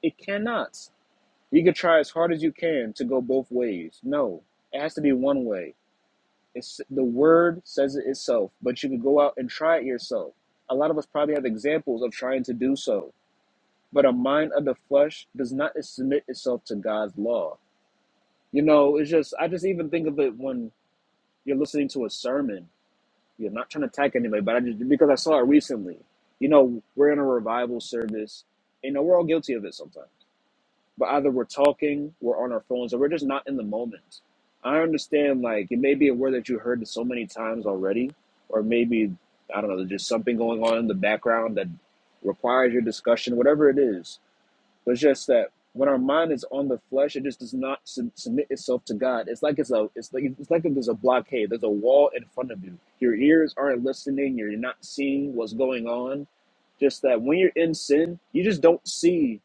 [SPEAKER 2] It cannot. You can try as hard as you can to go both ways. No, it has to be one way. It's the word says it itself, but you can go out and try it yourself. A lot of us probably have examples of trying to do so, but a mind of the flesh does not submit itself to God's law. You know, it's just I just even think of it when you're listening to a sermon. You're not trying to attack anybody, but I just because I saw it recently. You know, we're in a revival service. You know, we're all guilty of it sometimes but either we're talking, we're on our phones, or we're just not in the moment. I understand, like, it may be a word that you heard so many times already, or maybe, I don't know, there's just something going on in the background that requires your discussion, whatever it is. But it's just that when our mind is on the flesh, it just does not sub- submit itself to God. It's like it's a, it's like it's like there's a blockade. There's a wall in front of you. Your ears aren't listening. You're not seeing what's going on just that when you're in sin, you just don't see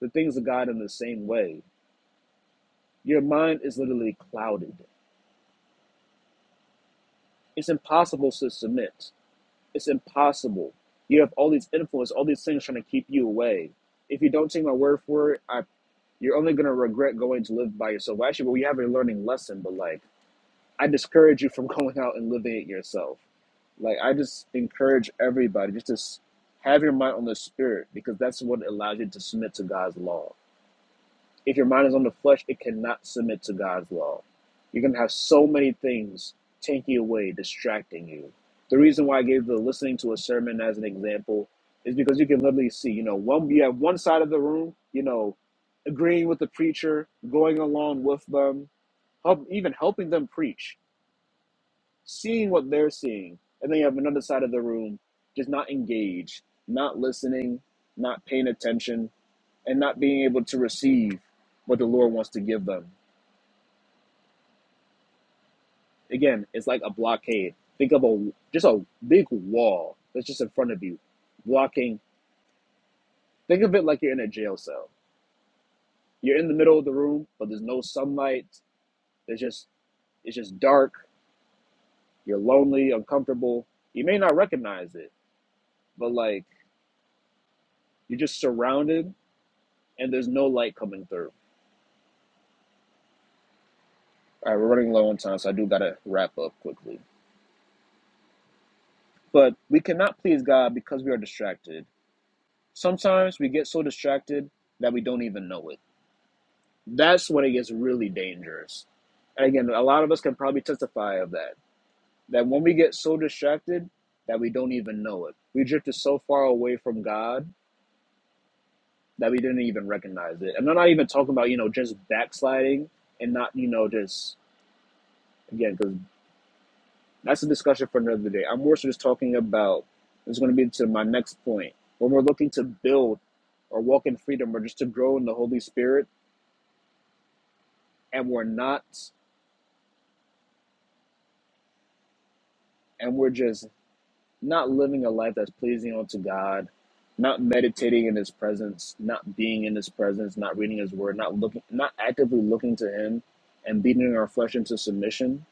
[SPEAKER 2] the things of God in the same way. Your mind is literally clouded. It's impossible to submit. It's impossible. You have all these influences, all these things trying to keep you away. If you don't take my word for it, I, you're only going to regret going to live by yourself. Well, actually, well, we have a learning lesson, but like, I discourage you from going out and living it yourself. Like, I just encourage everybody just to have your mind on the spirit because that's what allows you to submit to God's law. If your mind is on the flesh, it cannot submit to God's law. You're going to have so many things taking you away, distracting you. The reason why I gave the listening to a sermon as an example is because you can literally see, you know, one you have one side of the room, you know, agreeing with the preacher, going along with them, help, even helping them preach, seeing what they're seeing. And then you have another side of the room just not engaged, not listening, not paying attention, and not being able to receive what the Lord wants to give them. Again, it's like a blockade. Think of a just a big wall that's just in front of you, blocking. Think of it like you're in a jail cell. You're in the middle of the room, but there's no sunlight. There's just it's just dark. You're lonely, uncomfortable. You may not recognize it, but like you're just surrounded and there's no light coming through. All right, we're running low on time, so I do gotta wrap up quickly. But we cannot please God because we are distracted. Sometimes we get so distracted that we don't even know it. That's when it gets really dangerous. And again, a lot of us can probably testify of that. That when we get so distracted that we don't even know it, we drifted so far away from God that we didn't even recognize it. And I'm not even talking about, you know, just backsliding and not, you know, just, again, because that's a discussion for another day. I'm more so just talking about, it's going to be to my next point, when we're looking to build or walk in freedom or just to grow in the Holy Spirit and we're not and we're just not living a life that's pleasing unto God, not meditating in his presence, not being in his presence, not reading his word, not looking not actively looking to him and beating our flesh into submission,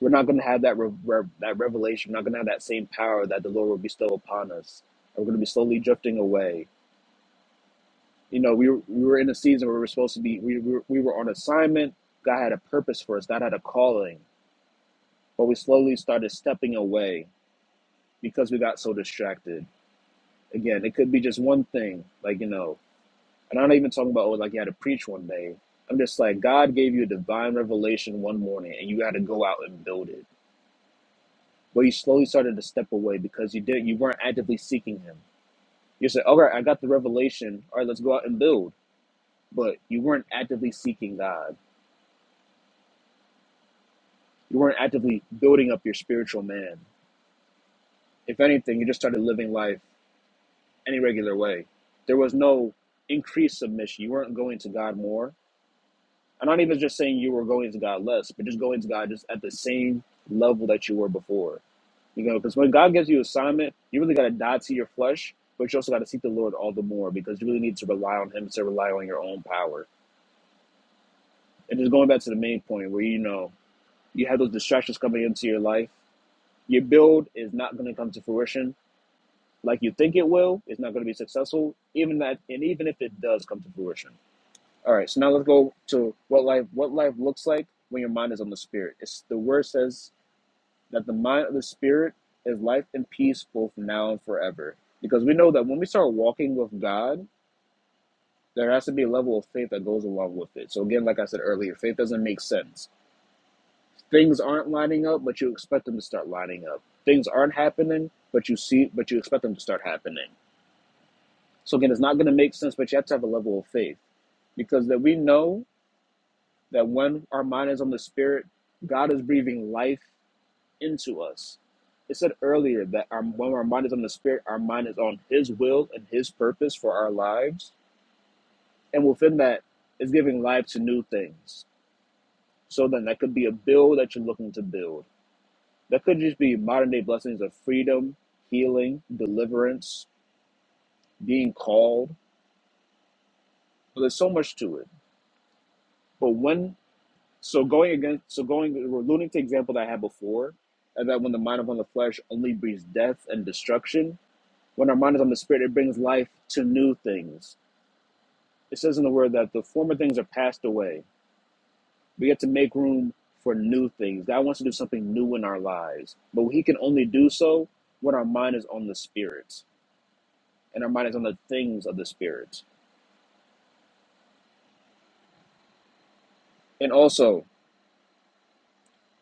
[SPEAKER 2] we're not going to have that re- re- that revelation, we're not going to have that same power that the Lord will bestow upon us. We're going to be slowly drifting away. You know, we were, we were in a season where we were supposed to be we, we, were- we were on assignment. God had a purpose for us. God had a calling, but we slowly started stepping away because we got so distracted. Again, it could be just one thing, like you know, and I'm not even talking about oh, like you had to preach one day. I'm just like God gave you a divine revelation one morning, and you had to go out and build it. But you slowly started to step away because you didn't, you weren't actively seeking Him. You said, "All right, I got the revelation. All right, let's go out and build." But you weren't actively seeking God. You weren't actively building up your spiritual man. If anything, you just started living life any regular way. There was no increased submission. You weren't going to God more I'm not even just saying you were going to God less, but just going to God just at the same level that you were before. You know, because when God gives you assignment, you really got to die to your flesh, but you also got to seek the Lord all the more because you really need to rely on Him instead of rely on your own power. And just going back to the main point where you know you have those distractions coming into your life, your build is not going to come to fruition like you think it will. It's not going to be successful, even that, and even if it does come to fruition. All right, so now let's go to what life what life looks like when your mind is on the spirit. It's the word says that the mind of the spirit is life and peace both now and forever. Because we know that when we start walking with God, there has to be a level of faith that goes along with it. So again, like I said earlier, faith doesn't make sense. Things aren't lining up, but you expect them to start lining up. Things aren't happening, but you see but you expect them to start happening. So again, it's not gonna make sense, but you have to have a level of faith. Because that we know that when our mind is on the spirit, God is breathing life into us. It said earlier that our, when our mind is on the spirit, our mind is on His will and His purpose for our lives, and within that is giving life to new things. So then, that could be a bill that you're looking to build. That could just be modern day blessings of freedom, healing, deliverance, being called. Well, There's so much to it. But when So going against, so going, we're alluding to the example that I had before, and that when the mind is on the flesh only brings death and destruction. When our mind is on the spirit, it brings life to new things. It says in the word that the former things are passed away. We get to make room for new things. God wants to do something new in our lives, but He can only do so when our mind is on the spirit, and our mind is on the things of the spirit. And also,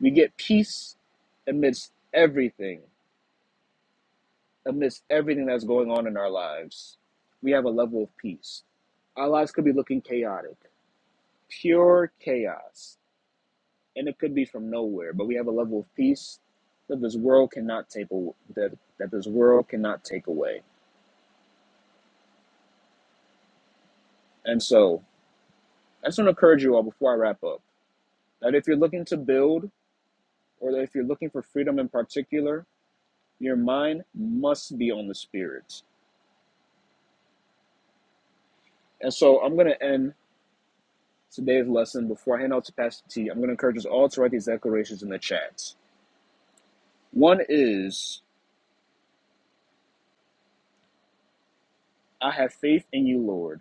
[SPEAKER 2] we get peace amidst everything amidst everything that's going on in our lives, we have a level of peace. Our lives could be looking chaotic, pure chaos, and it could be from nowhere, but we have a level of peace that this world cannot take aw- that that this world cannot take away. And so, I just want to encourage you all before I wrap up that if you're looking to build or that if you're looking for freedom in particular, your mind must be on the spirits. And so, I'm going to end today's lesson, before I hand out to Pastor T, I'm going to encourage us all to write these declarations in the chats. One is, I have faith in you, Lord.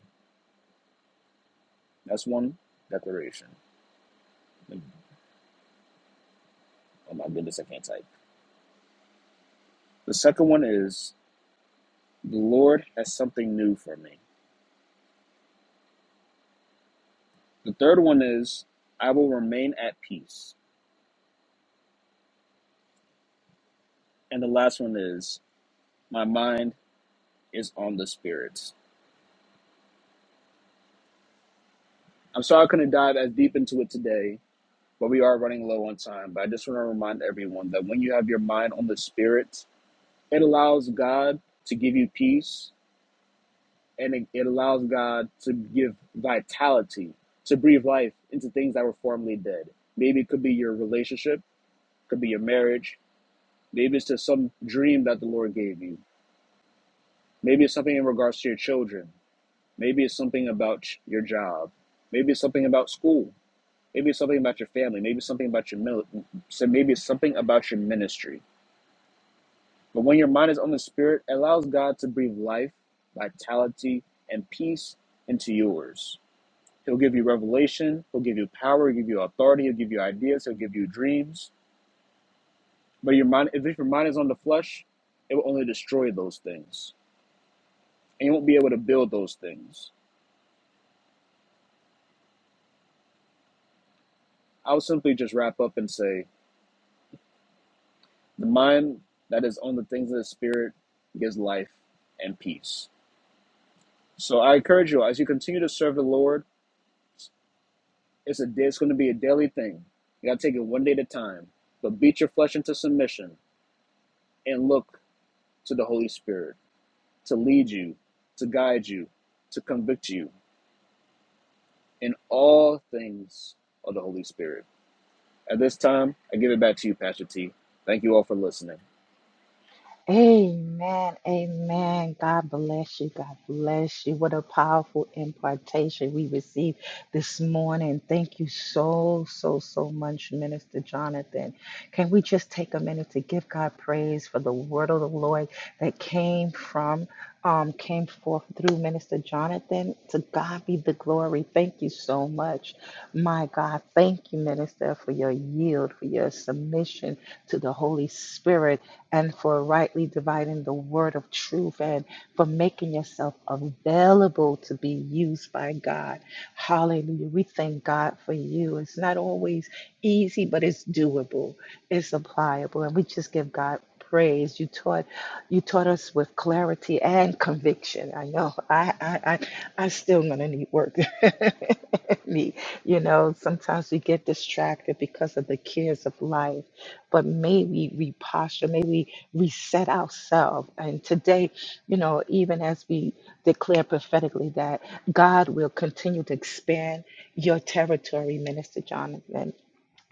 [SPEAKER 2] That's one declaration. Oh my goodness, I can't type. The second one is, the Lord has something new for me. The third one is, I will remain at peace. And the last one is, my mind is on the spirits. I'm sorry I couldn't dive as deep into it today, but we are running low on time. But I just want to remind everyone that when you have your mind on the spirits, It allows God to give you peace and it, it allows God to give vitality, to breathe life into things that were formerly dead. Maybe it could be your relationship, could be your marriage, maybe it's just some dream that the Lord gave you. Maybe it's something in regards to your children. Maybe it's something about your job. Maybe it's something about school. Maybe it's something about your family. Maybe it's something about your mil- so maybe it's something about your ministry. But when your mind is on the Spirit, it allows God to breathe life, vitality, and peace into yours. He'll give you revelation, He'll give you power, He'll give you authority, He'll give you ideas, He'll give you dreams. But your mind, if your mind is on the flesh, it will only destroy those things. And you won't be able to build those things. I would simply just wrap up and say the mind that is on the things of the Spirit gives life and peace. So I encourage you as you continue to serve the Lord It's a it's going to be a daily thing. You got to take it one day at a time. But beat your flesh into submission and look to the Holy Spirit to lead you, to guide you, to convict you in all things of the Holy Spirit. At this time, I give it back to you, Pastor T. Thank you all for listening.
[SPEAKER 1] Amen. Amen. God bless you. God bless you. What a powerful impartation we received this morning. Thank you so, so, so much, Minister Jonathan. Can we just take a minute to give God praise for the word of the Lord that came from um, came forth through Minister Jonathan. To God be the glory. Thank you so much. My God, thank you, Minister, for your yield, for your submission to the Holy Spirit, and for rightly dividing the word of truth and for making yourself available to be used by God. Hallelujah. We thank God for you. It's not always easy, but it's doable, it's applicable, and we just give God praise. You taught. You taught us with clarity and conviction. I know I I I, I still gonna need work. Me, you know, sometimes we get distracted because of the cares of life, but may we reposture, may we reset ourselves. And today, you know, even as we declare prophetically that God will continue to expand your territory, Minister Jonathan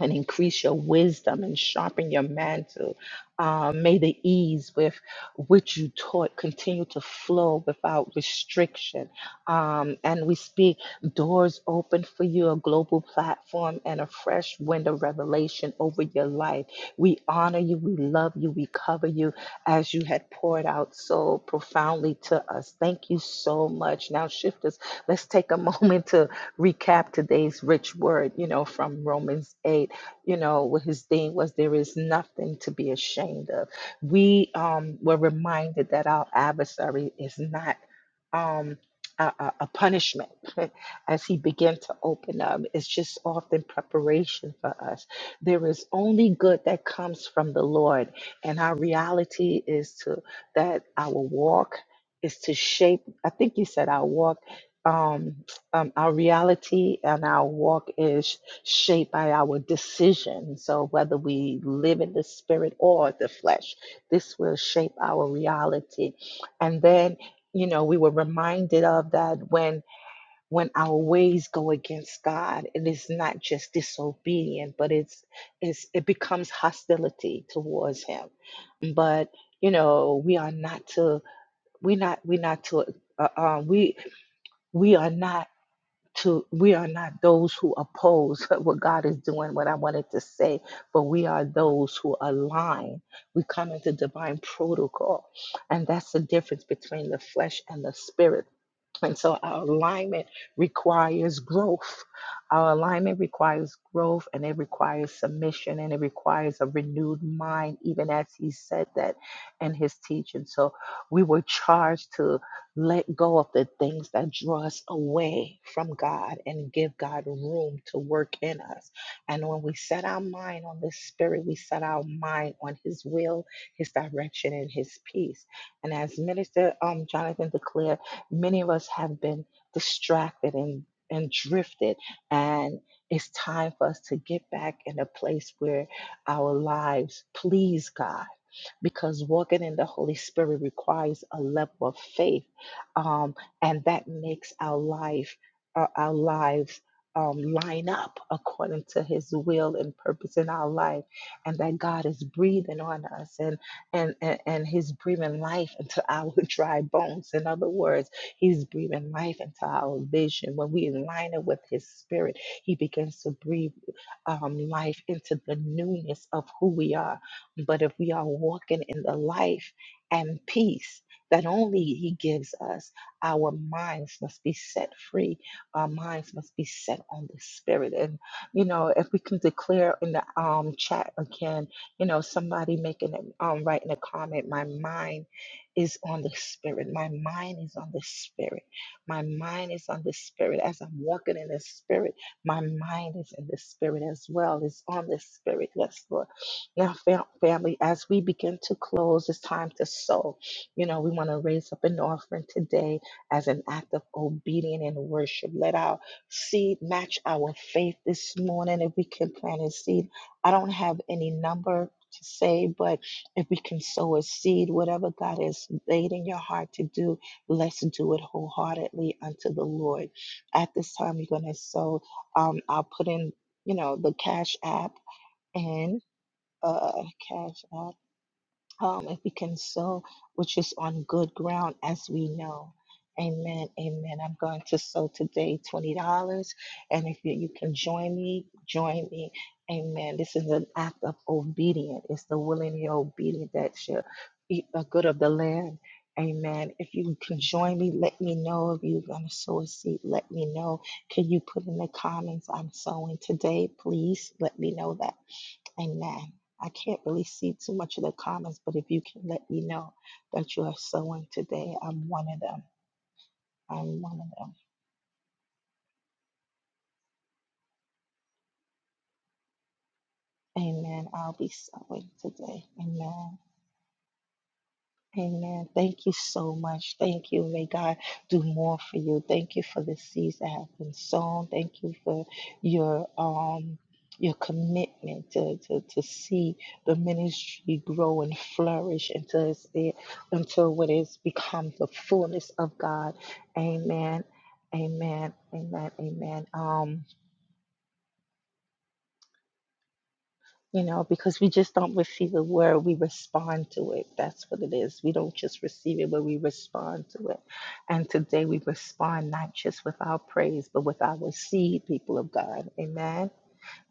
[SPEAKER 1] and increase your wisdom and sharpen your mantle. Um, may the ease with which you taught continue to flow without restriction. Um, and we speak doors open for you, a global platform, and a fresh wind of revelation over your life. We honor you, we love you, we cover you as you had poured out so profoundly to us. Thank you so much. Now, shifters, let's take a moment to recap today's rich word, you know, from Romans 8, you know, what his theme was there is nothing to be ashamed of. We um, were reminded that our adversary is not um, a, a a punishment as he began to open up. It's just often preparation for us. There is only good that comes from the Lord. And our reality is to that our walk is to shape, I think you said our walk. Um, um, our reality and our walk is shaped by our decisions. So whether we live in the spirit or the flesh, this will shape our reality. And then, you know, we were reminded of that when when our ways go against God, it is not just disobedient, but it's, it's it becomes hostility towards Him. But you know, we are not to we're not we're not to uh, uh, we we are not to we are not those who oppose what God is doing, what I wanted to say, but we are those who align. We come into divine protocol. And that's the difference between the flesh and the spirit. And so our alignment requires growth. Our alignment requires growth and it requires submission and it requires a renewed mind, even as he said that in his teaching. So we were charged to let go of the things that draw us away from God and give God room to work in us. And when we set our mind on this spirit, we set our mind on his will, his direction, and his peace. And as Minister um, Jonathan declared, Many of us have been distracted and, and drifted, and it's time for us to get back in a place where our lives please God because walking in the Holy Spirit requires a level of faith, um, and that makes our life, uh, our lives. Um, line up according to his will and purpose in our life and that god is breathing on us and and and, and he's breathing life into our dry bones in other words he's breathing life into our vision when we align it with his spirit he begins to breathe um, life into the newness of who we are but if we are walking in the life and peace that only He gives us, our minds must be set free. Our minds must be set on the Spirit. And, you know, if we can declare in the um, chat again, you know, somebody making a, um, writing a comment, my mind is on the Spirit. My mind is on the Spirit. My mind is on the Spirit. As I'm walking in the Spirit, my mind is in the Spirit as well. It's on the Spirit. Yes, Lord. Now, fam- family, as we begin to close, it's time to sow. You know, we want to raise up an offering today as an act of obedience and worship. Let our seed match our faith this morning. If we can plant a seed, I don't have any number to say, but if we can sow a seed, whatever God has laid in your heart to do, let's do it wholeheartedly unto the Lord. At this time, you're going to sow. Um, I'll put in, you know, the cash app. and uh, Cash App, um, if we can sow, which is on good ground, as we know. Amen. Amen. I'm going to sow today $20. And if you, you can join me, join me. Amen. This is an act of obedience. It's the willingly obedient that shall eat the good of the land. Amen. If you can join me, let me know. If you're going to sow a seed, let me know. Can you put in the comments, I'm sowing today? Please let me know that. Amen. I can't really see too much of the comments, but if you can let me know that you are sowing today, I'm one of them. I'm one of them. Amen. I'll be sowing today. Amen. Amen. Thank you so much. Thank you. May God do more for you. Thank you for the seeds that have been sown. Thank you for your um your commitment to, to, to see the ministry grow and flourish until it's there, until what is become the fullness of God. Amen. Amen. Amen. Amen. Um you know, because we just don't receive a word, we respond to it. That's what it is. We don't just receive it, but we respond to it. And today we respond not just with our praise, but with our seed, people of God. Amen.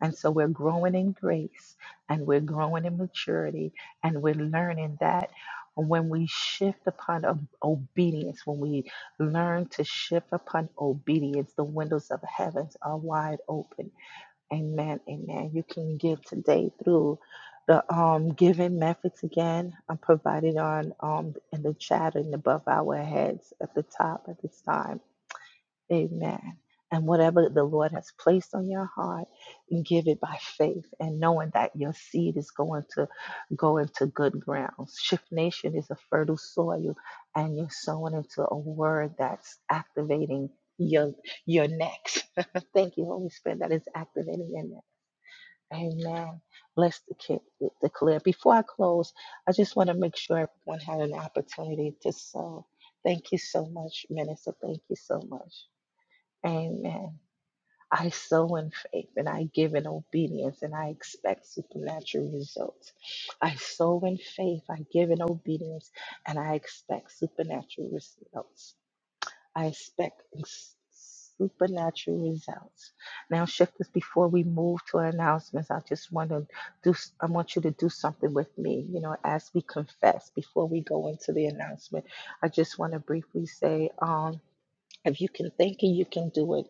[SPEAKER 1] And so we're growing in grace and we're growing in maturity and we're learning that when we shift upon ob- obedience, when we learn to shift upon obedience, the windows of heavens are wide open Amen. Amen. You can give today through the um, giving methods again. I'm provided on um, in the chat and above our heads at the top at this time. Amen. And whatever the Lord has placed on your heart, give it by faith and knowing that your seed is going to go into good grounds. Shift Nation is a fertile soil, and you're sowing into a word that's activating your your next. Thank you, Holy Spirit, that is activating your next Amen. Bless the kid, the the clear. Before I close, I just want to make sure everyone had an opportunity to sow. Thank you so much, Minister. Thank you so much. Amen. I sow in faith and I give in obedience and I expect supernatural results. I sow in faith, I give in obedience, and I expect supernatural results. I expect s- supernatural results. Now, shifters, before we move to our announcements, I just want to do. s- I want you to do something with me. You know, as we confess before we go into the announcement, I just want to briefly say, um, if you can think it, you can do it.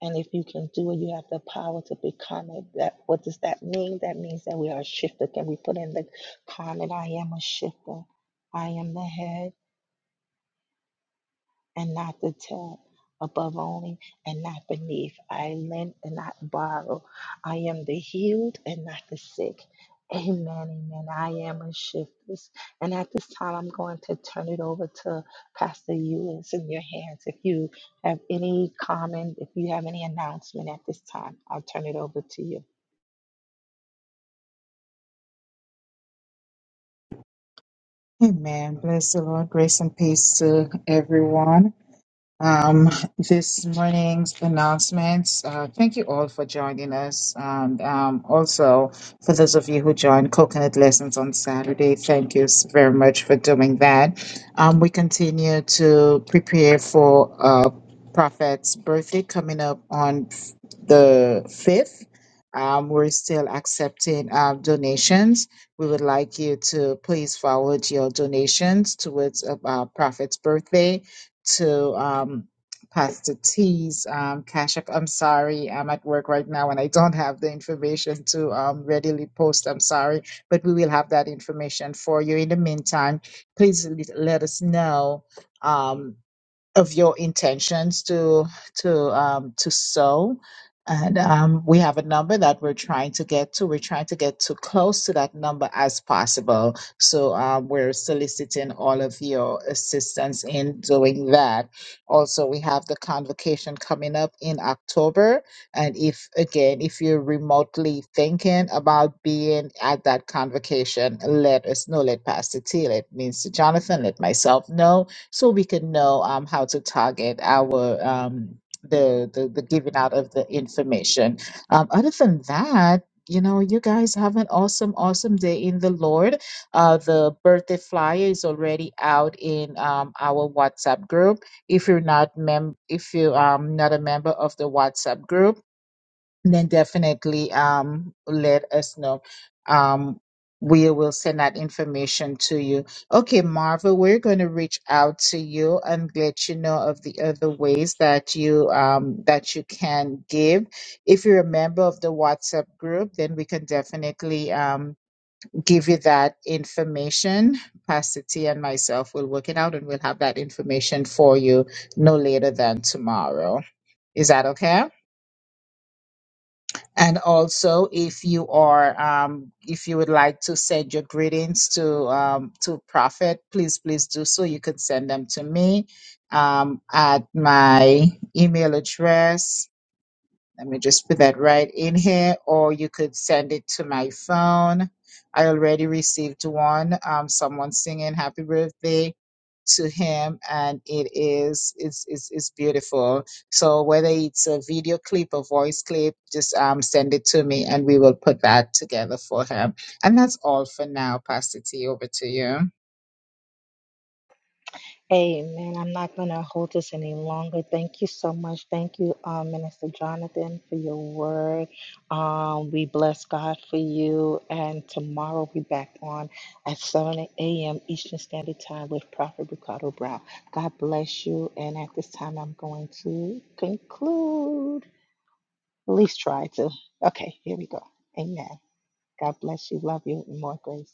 [SPEAKER 1] And if you can do it, you have the power to become it. That what does that mean? That means that we are a shifter. Can we put in the comment? I am a shifter. I am the head and not the tap, above only and not beneath. I lend and not borrow. I am the healed and not the sick. Amen, amen. I am a shiftless. And at this time, I'm going to turn it over to Pastor you. It's in your hands. If you have any comment, if you have any announcement at this time, I'll turn it over to you.
[SPEAKER 3] Amen. Bless the Lord. Grace and peace to everyone. Um, this morning's announcements. Uh, thank you all for joining us, and um, also for those of you who joined Coconut Lessons on Saturday. Thank you s- very much for doing that. Um, we continue to prepare for uh, Prophet's birthday coming up on f- the fifth. Um, we're still accepting uh, donations. We would like you to please forward your donations towards uh, Prophet's birthday to um, Pastor T's um, Cash App. I'm sorry, I'm at work right now and I don't have the information to um, readily post. I'm sorry, but we will have that information for you. In the meantime, please let let us know. Um, of your intentions to to um, to sow. And um, we have a number that we're trying to get to. We're trying to get to close to that number as possible. So um, we're soliciting all of your assistance in doing that. Also, we have the convocation coming up in October. And if again, if you're remotely thinking about being at that convocation, let us know. Let Pastor T, let Mr. Jonathan, let myself know so we can know um, how to target our um, the, the the giving out of the information. Um, other than that, you know, you guys have an awesome, awesome day in the Lord. Uh, the birthday flyer is already out in um, our WhatsApp group. If you're not mem, if you um not a member of the WhatsApp group then definitely um, let us know. Um, we will send that information to you. Okay, Marva, we're going to reach out to you and let you know of the other ways that you um, that you can give. If you're a member of the WhatsApp group, then we can definitely um, give you that information. Pastor T and myself will work it out, and we'll have that information for you no later than tomorrow. Is that okay? And also, if you are, um, if you would like to send your greetings to um, to Prophet, please, please do so. You can send them to me um, at my email address let me just put that right in here, or you could send it to my phone. I already received one. Um, someone singing happy birthday to him and it is it's, it's it's beautiful so whether it's a video clip or voice clip just um send it to me and we will put that together for him and that's all for now pastor t over to you
[SPEAKER 1] Amen. I'm not going to hold this any longer. Thank you so much. Thank you, um, Minister Jonathan, for your word. Um, we bless God for you. And tomorrow we'll back on at 7 a.m. Eastern Standard Time with Prophet Ricardo Brown. God bless you. And at this time, I'm going to conclude. At least try to. Okay, here we go. Amen. God bless you. Love you. and More grace.